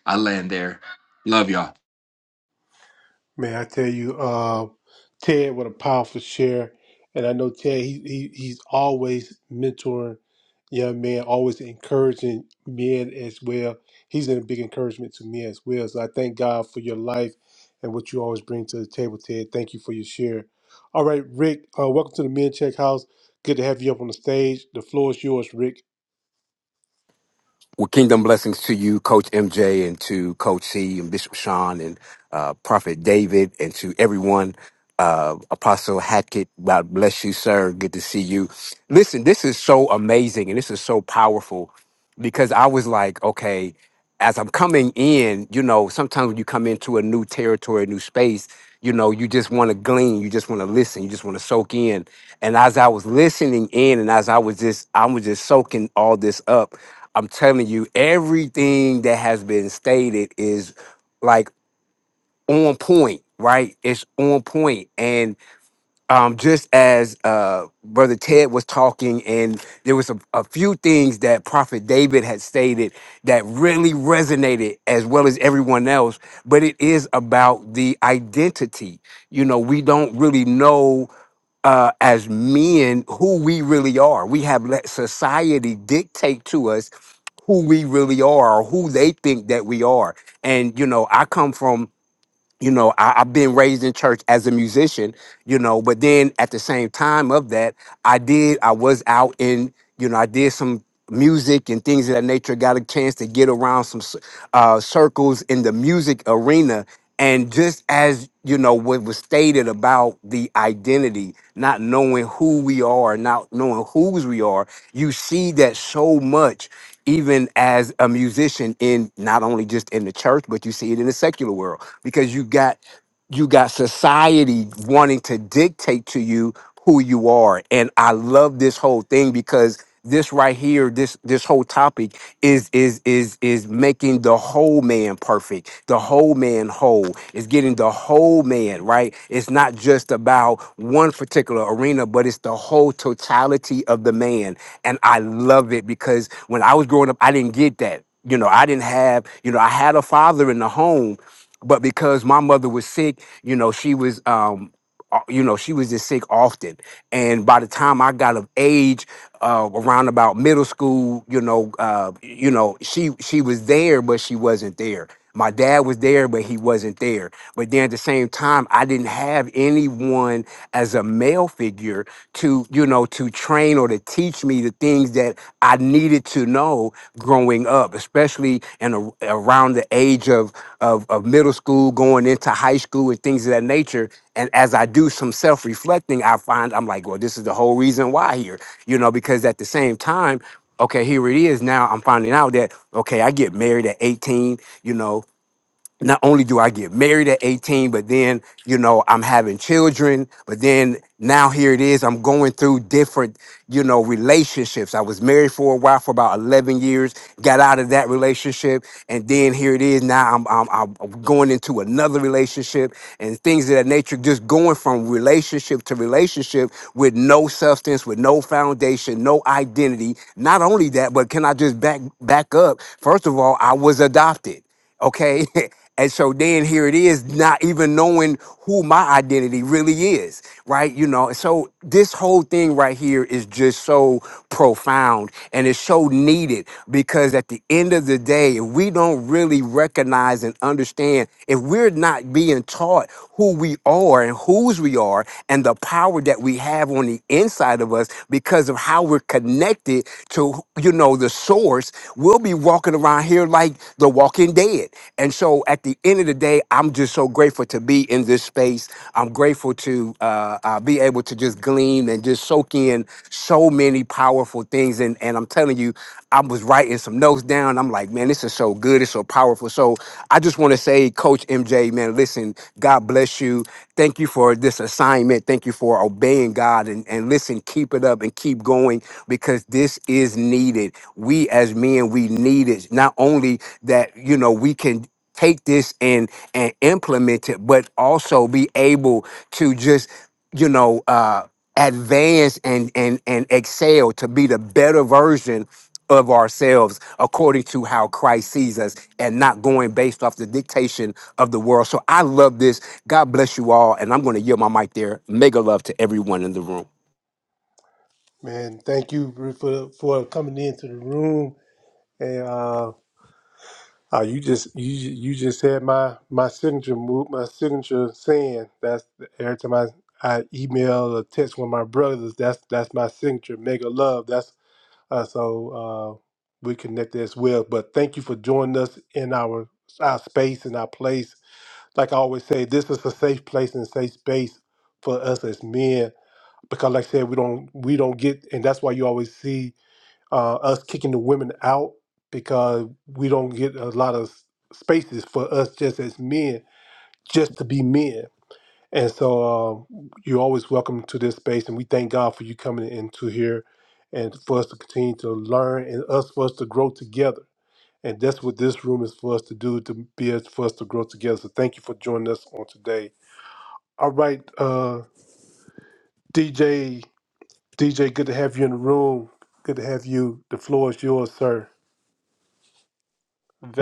S6: I land there. Love y'all.
S1: Man, I tell you, uh, Ted, what a powerful share. And I know Ted, he, he he's always mentoring young men, always encouraging men as well. He's been a big encouragement to me as well. So I thank God for your life and what you always bring to the table, Ted. Thank you for your share. All right, Rick, uh, welcome to the Men Check House. Good to have you up on the stage. The floor is yours, Rick.
S9: Well, kingdom blessings to you, Coach MJ, and to Coach C and Bishop Sean and uh, Prophet David, and to everyone. Uh, Apostle Hackett, God bless you, sir. Good to see you. Listen, this is so amazing and this is so powerful because I was like, okay, as I'm coming in, you know, sometimes when you come into a new territory, a new space, you know, you just want to glean, you just want to listen, you just want to soak in. And as I was listening in, and as I was just, I was just soaking all this up I'm telling you, everything that has been stated is like on point, right? It's on point. And um, just as uh, Brother Ted was talking, and there was a, a few things that Prophet David had stated that really resonated as well as everyone else, but it is about the identity. You know, we don't really know uh, as men who we really are. We have let society dictate to us who we really are or who they think that we are. And, you know, I come from you know I, i've been raised in church as a musician you know but then at the same time of that i did i was out in you know i did some music and things of that nature got a chance to get around some c- uh, circles in the music arena and just as you know what was stated about the identity not knowing who we are not knowing whose we are you see that so much even as a musician in not only just in the church but you see it in the secular world because you got you got society wanting to dictate to you who you are. And I love this whole thing because this right here, this this whole topic is is is is making the whole man perfect, the whole man whole. It's getting the whole man right. It's not just about one particular arena, but it's the whole totality of the man. And I love it because when I was growing up, I didn't get that. You know, I didn't have, you know, I had a father in the home, but because my mother was sick, you know, she was um uh, you know, she was just sick often. And by the time I got of age, uh, around about middle school, you know, uh, you know, she she was there, but she wasn't there. My dad was there, but he wasn't there. But then at the same time, I didn't have anyone as a male figure to, you know, to train or to teach me the things that I needed to know growing up, especially and around the age of, of of middle school, going into high school, and things of that nature. And as I do some self reflecting, I find I'm like, well, this is the whole reason why here, you know, because at the same time, okay, here it is. Now I'm finding out that okay, I get married at 18, you know, not only do I get married at 18, but then, you know, I'm having children, but then now here it is, I'm going through different, you know, relationships. I was married for a while for about 11 years, got out of that relationship, and then here it is, now I'm, I'm, I'm going into another relationship and things of that nature, just going from relationship to relationship with no substance, with no foundation, no identity. Not only that, but can I just back, back up? First of all, I was adopted. Okay. And so then here it is, not even knowing who my identity really is, right? You know, so this whole thing right here is just so profound and it's so needed because at the end of the day, if we don't really recognize and understand, if we're not being taught who we are and whose we are and the power that we have on the inside of us because of how we're connected to, you know, the source us, we'll be walking around here like the walking dead. And so at the end of the day, I'm just so grateful to be in this space. I'm grateful to uh, uh, be able to just glean and just soak in so many powerful things. And, and I'm telling you, I was writing some notes down. I'm like, man, this is so good. It's so powerful. So I just want to say, Coach MJ, man, listen, God bless you. Thank you for this assignment. Thank you for obeying God. And, and listen, keep it up and keep going because this is needed. We as men, we need it. Not only that, you know, we can take this and and implement it, but also be able to just, you know, uh advance and and and excel to be the better version of ourselves according to how Christ sees us and not going based off the dictation of the world. So I love this. God bless you all. And I'm going to yield my mic there. Mega love to everyone in the room.
S1: Man, thank you for for coming into the room. and. uh, Oh, you just you you just had my my signature move my signature saying that's every time I I email or text one of my brothers that's that's my signature mega love that's uh, so uh, we connected as well. But thank you for joining us in our our space and our place like I always say, this is a safe place and safe space for us as men. Because like I said, we don't we don't get and that's why you always see uh, us kicking the women out because we don't get a lot of spaces for us just as men, just to be men. And so um, you're always welcome to this space, and we thank God for you coming into here and for us to continue to learn and us for us to grow together. And that's what this room is for us to do, to be as for us to grow together. So thank you for joining us on today. All right, uh, DJ, DJ, good to have you in the room. Good to have you. The floor is yours, sir.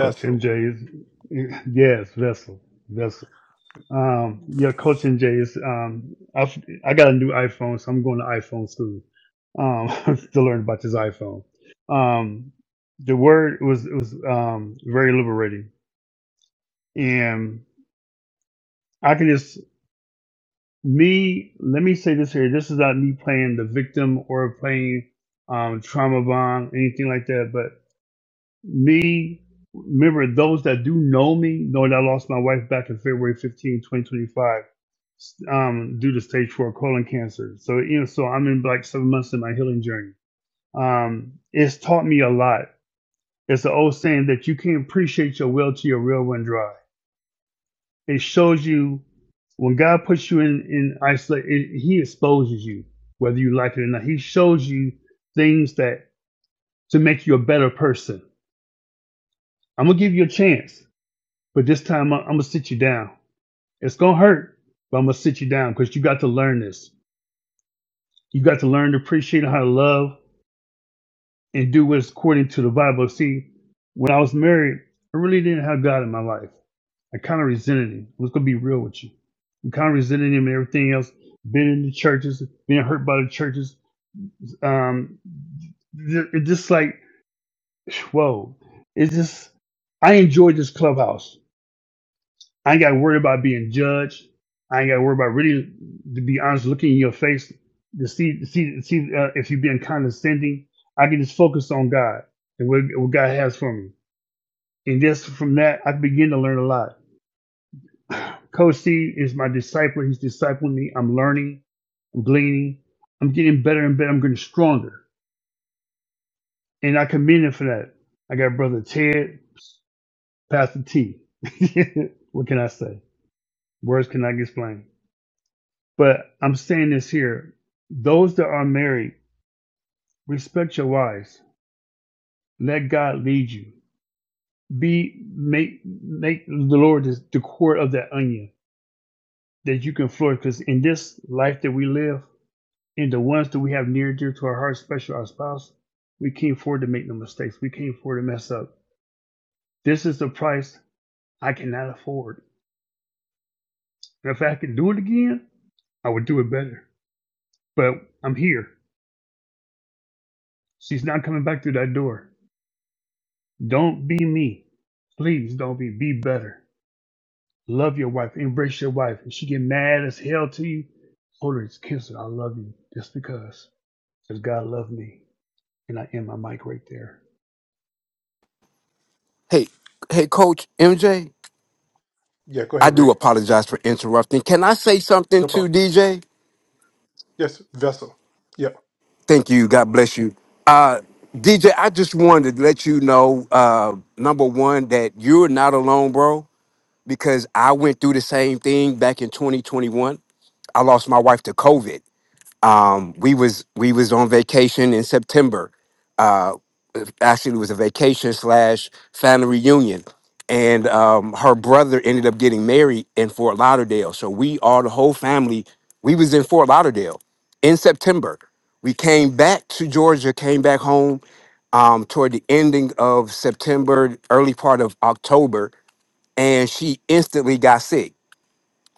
S10: Coach MJ is yes, vessel, vessel. Um, yeah, Coach MJ is um, I I got a new iPhone, so I'm going to iPhone school. Um, to learn about this iPhone. Um, the word was it was um very liberating, and I can just me. Let me say this here. This is not me playing the victim or playing um trauma bond anything like that. but. Me, remember those that do know me know that I lost my wife back in February 15, 2025, um, due to stage four colon cancer. So you know, so I'm in like seven months in my healing journey. Um, it's taught me a lot. It's an old saying that you can't appreciate your well till your well run dry. It shows you when God puts you in in isolation, He exposes you, whether you like it or not. He shows you things that to make you a better person. I'm gonna give you a chance. But this time I'm, I'm gonna sit you down. It's gonna hurt, but I'm gonna sit you down because you got to learn this. You got to learn to appreciate how to love and do what's according to the Bible. See, when I was married, I really didn't have God in my life. I kind of resented him. i was gonna be real with you. I kind of resented him and everything else. Been in the churches, being hurt by the churches. Um, it's just like, whoa. It's just I enjoyed this clubhouse I ain't got to worry about being judged. I ain't got to worry about really, to be honest, looking in your face to see to see to see uh, if you're being condescending. I can just focus on God and what, what God has for me, and just from that, I begin to learn a lot. Coach C is my disciple. He's discipling me. I'm learning. I'm gleaning. I'm getting better and better. I'm getting stronger, and I commend him for that. I got brother Ted, Pastor T. what can I say? Words cannot explain. But I'm saying this here those that are married, respect your wives. Let God lead you. Be make make the Lord the, the core of that onion that you can flourish. Because in this life that we live, in the ones that we have near and dear to our hearts, especially our spouse, we can't afford to make no mistakes. We can't afford to mess up. This is the price I cannot afford. And if I could do it again, I would do it better. But I'm here. She's not coming back through that door. Don't be me. Please don't be. Be better. Love your wife. Embrace your wife. If she get mad as hell to you, hold her. Just kiss her. I love you. Just because. Because God loved me. And I end my mic right there.
S9: Hey, hey, Coach MJ.
S1: Yeah, go
S9: I
S1: ahead,
S9: do
S1: Rick.
S9: apologize for interrupting. Can I say something
S1: No problem.
S9: to DJ?
S1: Yes, vessel. Yeah,
S9: Thank you. God bless you. Uh, DJ, I just wanted to let you know, uh, number one, that you're not alone, bro, because I went through the same thing back in 2021. I lost my wife to COVID. Um, we was we was on vacation in September. Uh, actually it was a vacation slash family reunion and um, her brother ended up getting married in fort lauderdale so we all the whole family we was in fort lauderdale in september we came back to georgia came back home um, toward the ending of september early part of october and she instantly got sick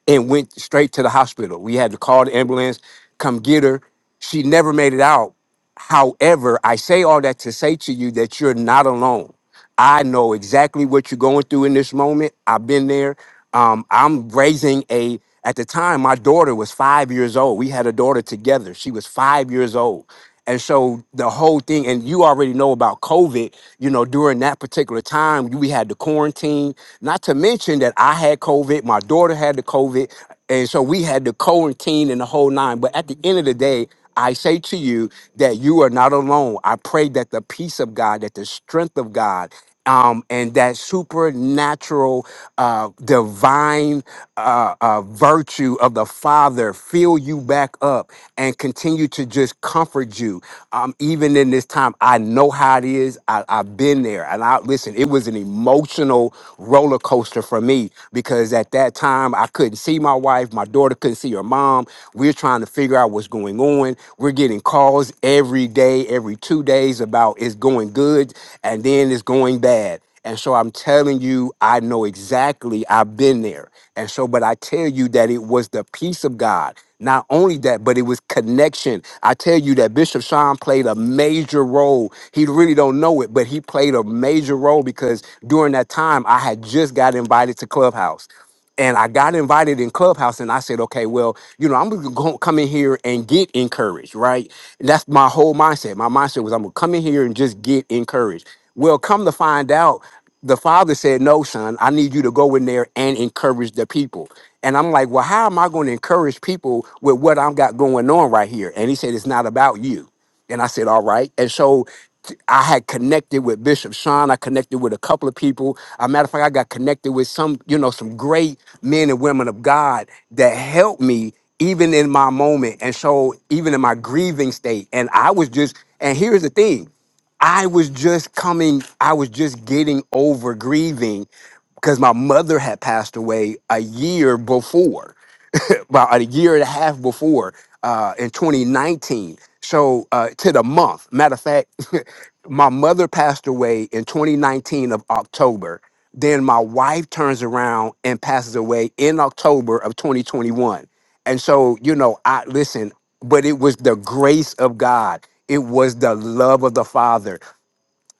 S9: and went straight to the hospital. We had to call the ambulance, come get her. She never made it out. However, I say all that to say to you that you're not alone. I know exactly what you're going through in this moment. I've been there. Um, I'm raising a, at the time, my daughter was five years old. We had a daughter together. She was five years old. And so the whole thing, and you already know about COVID, you know, during that particular time, we had the quarantine, not to mention that I had COVID, my daughter had the COVID. And so we had the quarantine and the whole nine. But at the end of the day, I say to you that you are not alone. I pray that the peace of God, that the strength of God um, and that supernatural, uh, divine uh, uh, virtue of the Father fill you back up and continue to just comfort you. Um, even in this time, I know how it is. I, I've been there. And I listen, it was an emotional roller coaster for me because at that time, I couldn't see my wife. My daughter couldn't see her mom. We're trying to figure out what's going on. We're getting calls every day, every two days about it's going good. And then and then it's going bad. And so I'm telling you, I know exactly, I've been there. And so, but I tell you that it was the peace of God. Not only that, but it was connection. I tell you that Bishop Sean played a major role. He really don't know it, but he played a major role because during that time I had just got invited to Clubhouse and I got invited in Clubhouse, and I said, okay, well, you know, I'm gonna go, come in here and get encouraged, right? And that's my whole mindset. My mindset was, I'm gonna come in here and just get encouraged. Well, come to find out, the father said, no, son, I need you to go in there and encourage the people. And I'm like, well, how am I gonna encourage people with what I've got going on right here? And he said, it's not about you. And I said, all right. And so t- I had connected with Bishop Sean. I connected with a couple of people. A matter of fact, I got connected with some, you know, some great men and women of God that helped me even in my moment. And so even in my grieving state. And I was just, and here's the thing. I was just coming, I was just getting over grieving because my mother had passed away a year before. about a year and a half before uh, in 2019. So uh, to the month. Matter of fact, my mother passed away in 2019 of October. Then my wife turns around and passes away in October of 2021. And so, you know, I listen, but it was the grace of God. It was the love of the Father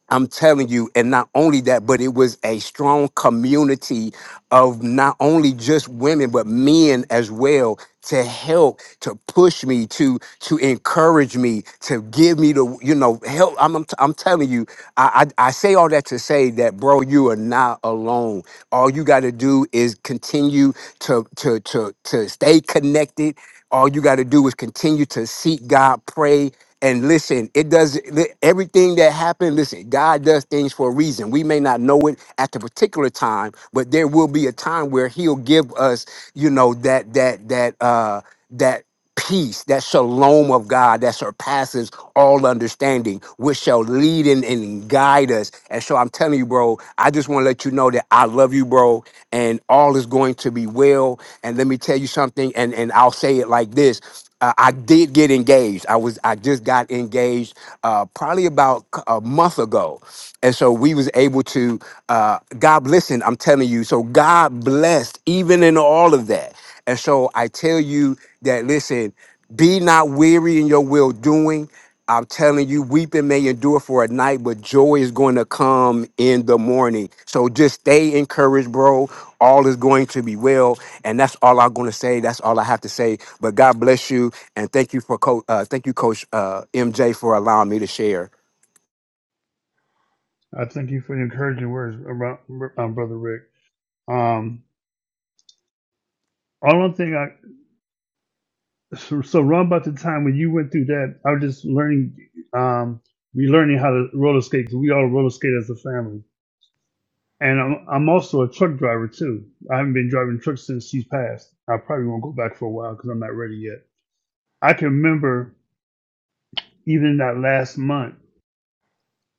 S9: I'm telling you, and not only that, but it was a strong community of not only just women, but men as well to help, to push me, to to encourage me, to give me the, you know, help. I'm I'm, t- I'm telling you, I, I I say all that to say that, bro, you are not alone. All you got to do is continue to to to to stay connected. All you got to do is continue to seek God, pray, and listen, it does li- everything that happened. Listen, God does things for a reason. We may not know it at the particular time, but there will be a time where He'll give us, you know, that that that uh that peace, that shalom of God that surpasses all understanding, which shall lead and, and guide us. And so I'm telling you, bro, I just want to let you know that I love you, bro, and all is going to be well. And let me tell you something, and and I'll say it like this. Uh, I did get engaged engaged. I was I just got engaged uh, probably about c- a month ago, and so we was able to. Uh, God, listen, I'm telling you. So God blessed even in all of that, and so I tell you that listen, be not weary in your well doing. I'm telling you, weeping may endure for a night, but joy is going to come in the morning. So just stay encouraged, bro. All is going to be well. And that's all I'm going to say. That's all I have to say. But God bless you. And thank you for coach. Uh, thank you, Coach uh, MJ, for allowing me to share.
S10: I thank you for the encouraging words, about, um, Brother Rick. Um, all one thing I, so, so around about the time when you went through that, I was just learning, um, relearning how to roller skate because we all roller skate as a family. And I'm, I'm also a truck driver too. I haven't been driving trucks since she's passed. I probably won't go back for a while because I'm not ready yet. I can remember even that last month,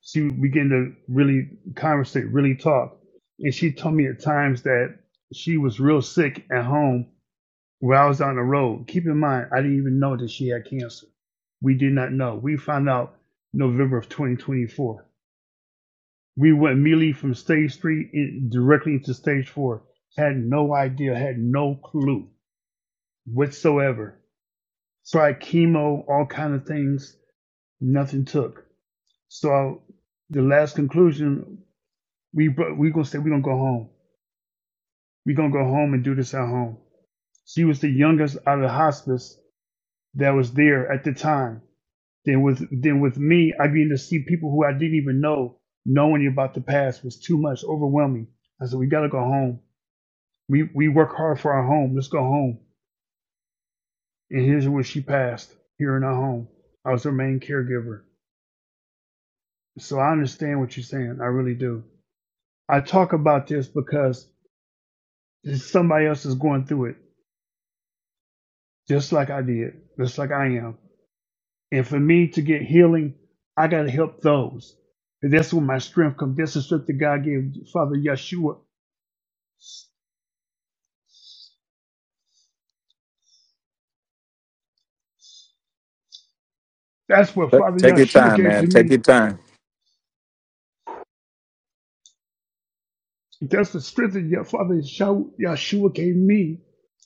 S10: she began to really conversate, really talk. And she told me at times that she was real sick at home where I was on the road. Keep in mind, I didn't even know that she had cancer. We did not know. We found out November of 2024. We went immediately from stage three in, directly into stage four. Had no idea, had no clue whatsoever. Tried chemo, all kind of things, nothing took. So the last conclusion, we we gonna say we gonna go home. We gonna go home and do this at home. She was the youngest out of the hospice that was there at the time. Then with then with me, I began to see people who I didn't even know knowing about the past was too much, overwhelming. I said we gotta go home We we work hard for our home. Let's go home. And here's where she passed here in our home. I was her main caregiver. So I understand what you're saying. I really do. I talk about this because somebody else is going through it, just like I did, just like I am. And for me to get healing, I got to help those. And that's where my strength comes. That's the strength that God gave Father Yeshua. That's what
S2: Take
S10: Father
S2: take your
S10: Yeshua
S2: time,
S10: gave to
S2: man. Take
S10: me.
S2: your time.
S10: That's the strength that your father Yeshua Yahshua gave me.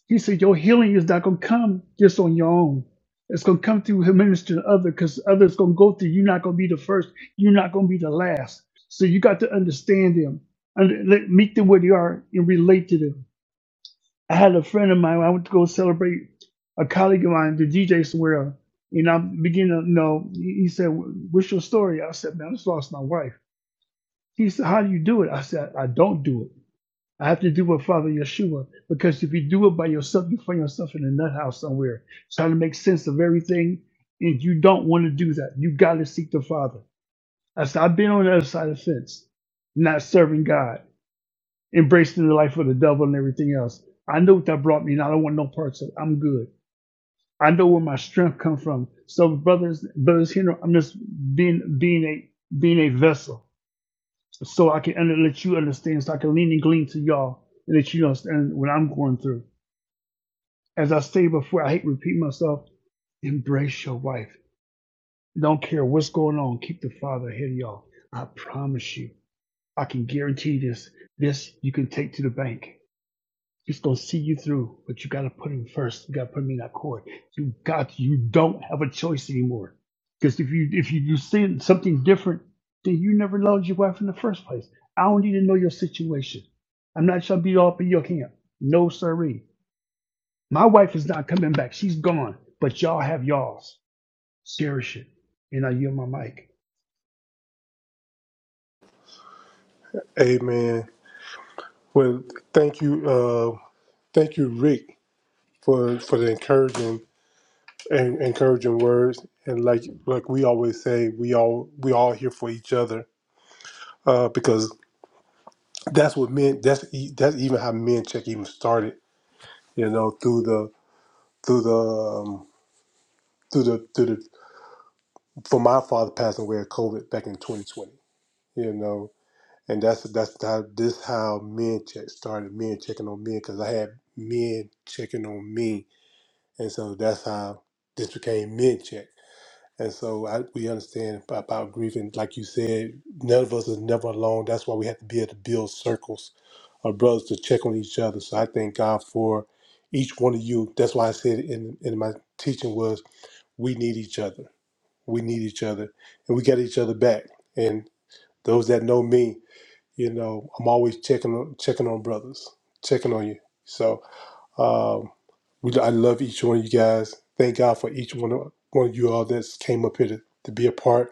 S10: He said, Your healing is not going to come just on your own. It's going to come through him ministering to others because others going to go through. You're not going to be the first. You're not going to be the last. So you got to understand them and let, meet them where they are and relate to them. I had a friend of mine, I went to go celebrate a colleague of mine, the DJ somewhere, and I began to, you know, he he said, What's your story? I said, Man, I just lost my wife. He said, How do you do it? I said, I don't do it. I have to do what Father Yeshua, because if you do it by yourself, you find yourself in a nut house somewhere, trying to make sense of everything, and you don't want to do that. You got to seek the Father. I said, I've been on the other side of the fence, not serving God, embracing the life of the devil and everything else. I know what that brought me, and I don't want no parts of it. I'm good. I know where my strength comes from. So, brothers, brothers, here, I'm just being being a being a vessel so I can under, let you understand, so I can lean and glean to y'all and let you understand what I'm going through. As I stated before, I hate repeating myself. Embrace your wife. Don't care what's going on. Keep the father ahead of y'all. I promise you. I can guarantee this. This you can take to the bank. It's gonna see you through, but you gotta put him first. You gotta put him in that court. You got you don't have a choice anymore. Because if you if you do see something different, then you never loved your wife in the first place. I don't need to know your situation. I'm not trying to be all up in your camp. No siree. My wife is not coming back. She's gone. But y'all have y'all's. Cherish it. And I yield my mic.
S1: Amen. Well, thank you, uh, thank you, Rick, for for the encouraging and encouraging words. And like like we always say, we all we all here for each other uh, because that's what men. That's e- that's even how men check even started. You know, through the through the um, through the through the for my father passing away of COVID back in 2020. You know, And that's that's how this how men check started men checking on men because I had men checking on me, and so that's how this became men check. And so I, we understand ab- about grieving, like you said, none of us is never alone. That's why we have to be able to build circles of brothers to check on each other. So I thank God for each one of you. That's why I said in in my teaching was we need each other. We need each other, and we got each other back. And those that know me, you know, I'm always checking on checking on brothers, checking on you. So um, we, I love each one of you guys. Thank God for each one of one of you all that's came up here to, to be a part.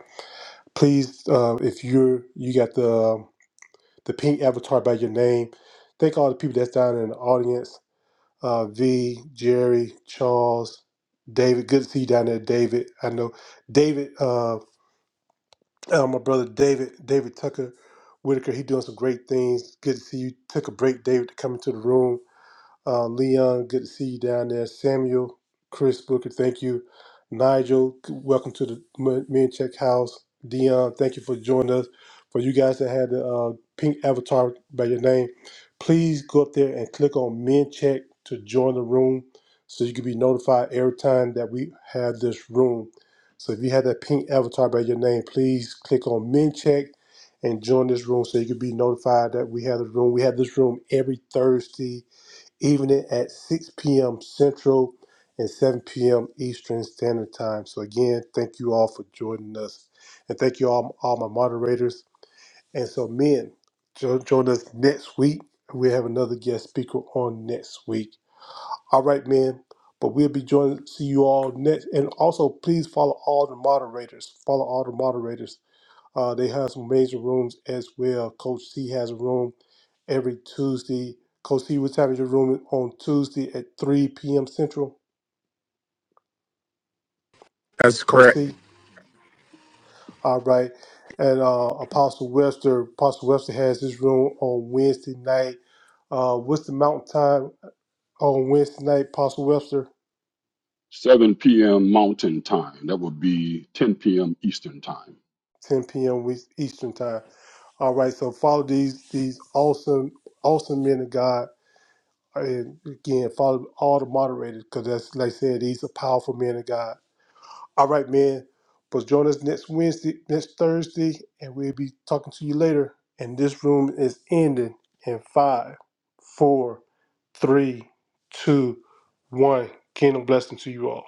S1: Please, uh, if you're you got the um, the pink avatar by your name, thank all the people that's down in the audience. Uh, v, Jerry, Charles, David. Good to see you down there, David. I know David. Uh, uh, my brother David, David Tucker Whitaker, he doing some great things. Good to see you. Took a break, David, to come into the room. Uh, Leon, good to see you down there. Samuel, Chris Booker, thank you. Nigel, welcome to the M- Men Check House. Dion, thank you for joining us. For you guys that had the uh, pink avatar by your name, please go up there and click on Men Check to join the room so you can be notified every time that we have this room. So if you had that pink avatar by your name, please click on Men Check and join this room so you can be notified that we have this room. We have this room every Thursday evening at 6 p.m. Central and 7 p.m. Eastern Standard Time. So, again, thank you all for joining us. And thank you all, all my moderators. And so, men, jo- join us next week. We have another guest speaker on next week. All right, men. But we'll be joining, see you all next. And also, please follow all the moderators. Follow all the moderators uh, they have some major rooms as well. Coach C has a room every Tuesday. Coach C was having your room on Tuesday at 3 p.m. Central.
S2: That's
S1: Coach
S2: correct.
S1: C. All right. And uh, Apostle Webster, Apostle Webster has his room on Wednesday night. Uh, what's the mountain time on Wednesday night, Apostle Webster?
S5: 7 p.m. Mountain Time. That would be 10 p.m. Eastern Time.
S1: 10 p.m. Eastern time. All right. So follow these these awesome, awesome men of God And again, follow all the moderators because that's like I said, these are powerful men of God. All right, man. But join us next Wednesday, next Thursday, and we'll be talking to you later. And this room is ending in five, four, three, two, one. Kingdom blessing to you all.